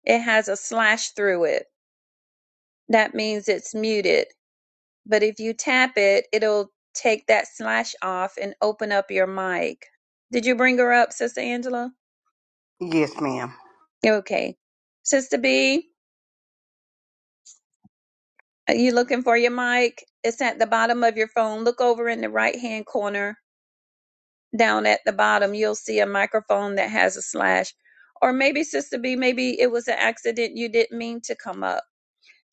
It has a slash through it. That means it's muted. But if you tap it, it'll take that slash off and open up your mic. Did you bring her up, Sister Angela? Yes, ma'am. Okay. Sister B, are you looking for your mic? It's at the bottom of your phone. Look over in the right hand corner down at the bottom, you'll see a microphone that has a slash. Or maybe, Sister B, maybe it was an accident. You didn't mean to come up.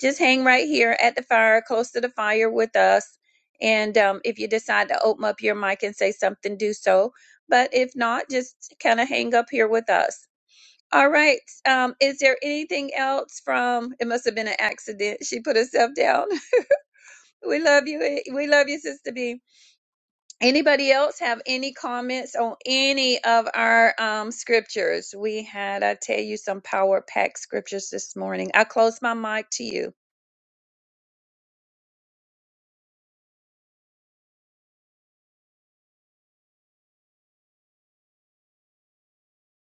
Just hang right here at the fire, close to the fire with us. And um, if you decide to open up your mic and say something, do so. But if not, just kind of hang up here with us. All right. Um, is there anything else from? It must have been an accident. She put herself down. *laughs* We love you. eh, We love you, Sister B. Anybody else have any comments on any of our um, scriptures? We had, I tell you, some power packed scriptures this morning. I close my mic to you.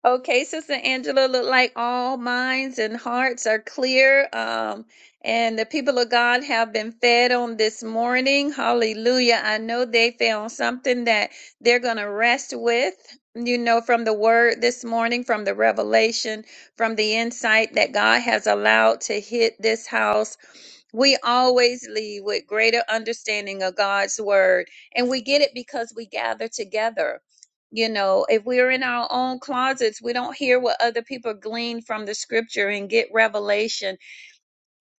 Okay, Sister Angela, look like all minds and hearts are clear. Um, and the people of God have been fed on this morning. Hallelujah. I know they found something that they're going to rest with, you know, from the word this morning, from the revelation, from the insight that God has allowed to hit this house. We always leave with greater understanding of God's word, and we get it because we gather together. You know, if we're in our own closets, we don't hear what other people glean from the scripture and get revelation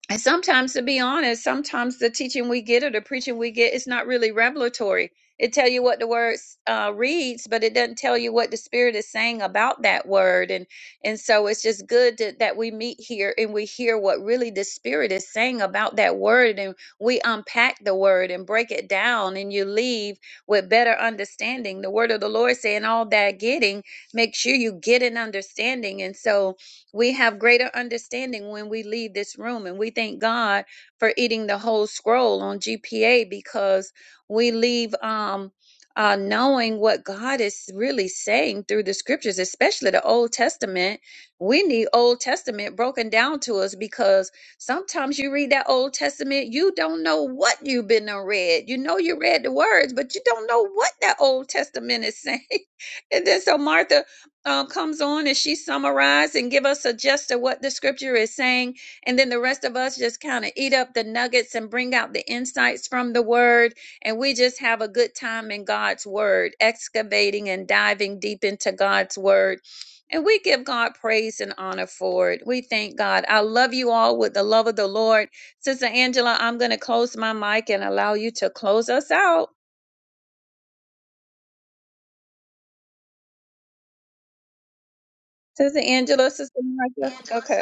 and sometimes, to be honest, sometimes the teaching we get or the preaching we get is not really revelatory. It tell you what the word uh, reads, but it doesn't tell you what the Spirit is saying about that word. And and so it's just good that, that we meet here and we hear what really the Spirit is saying about that word, and we unpack the word and break it down, and you leave with better understanding. The word of the Lord saying all that getting, make sure you get an understanding. And so we have greater understanding when we leave this room, and we thank God for eating the whole scroll on GPA because we leave um, uh, knowing what God is really saying through the scriptures, especially the Old Testament. We need Old Testament broken down to us because sometimes you read that Old Testament, you don't know what you've been done read. You know you read the words, but you don't know what that Old Testament is saying. *laughs* and then so Martha um, comes on and she summarized and give us a gist of what the scripture is saying and then the rest of us just kind of eat up the nuggets and bring out the insights from the word and we just have a good time in god's word excavating and diving deep into god's word and we give God praise and honor for it. We thank God. I love you all with the love of the Lord. Sister Angela, I'm going to close my mic and allow you to close us out. Sister Angela, Sister Micah. Okay.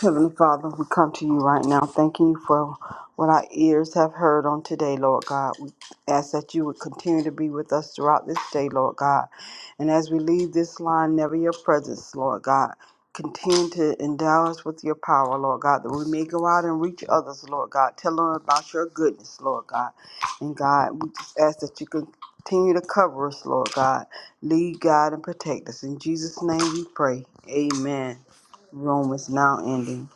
Heavenly Father, we come to you right now, thanking you for what our ears have heard on today, Lord God. We ask that you would continue to be with us throughout this day, Lord God. And as we leave this line, never your presence, Lord God. Continue to endow us with your power, Lord God, that we may go out and reach others, Lord God. Tell them about your goodness, Lord God. And God, we just ask that you continue to cover us, Lord God. Lead, guide, and protect us. In Jesus' name we pray. Amen. Room is now ending.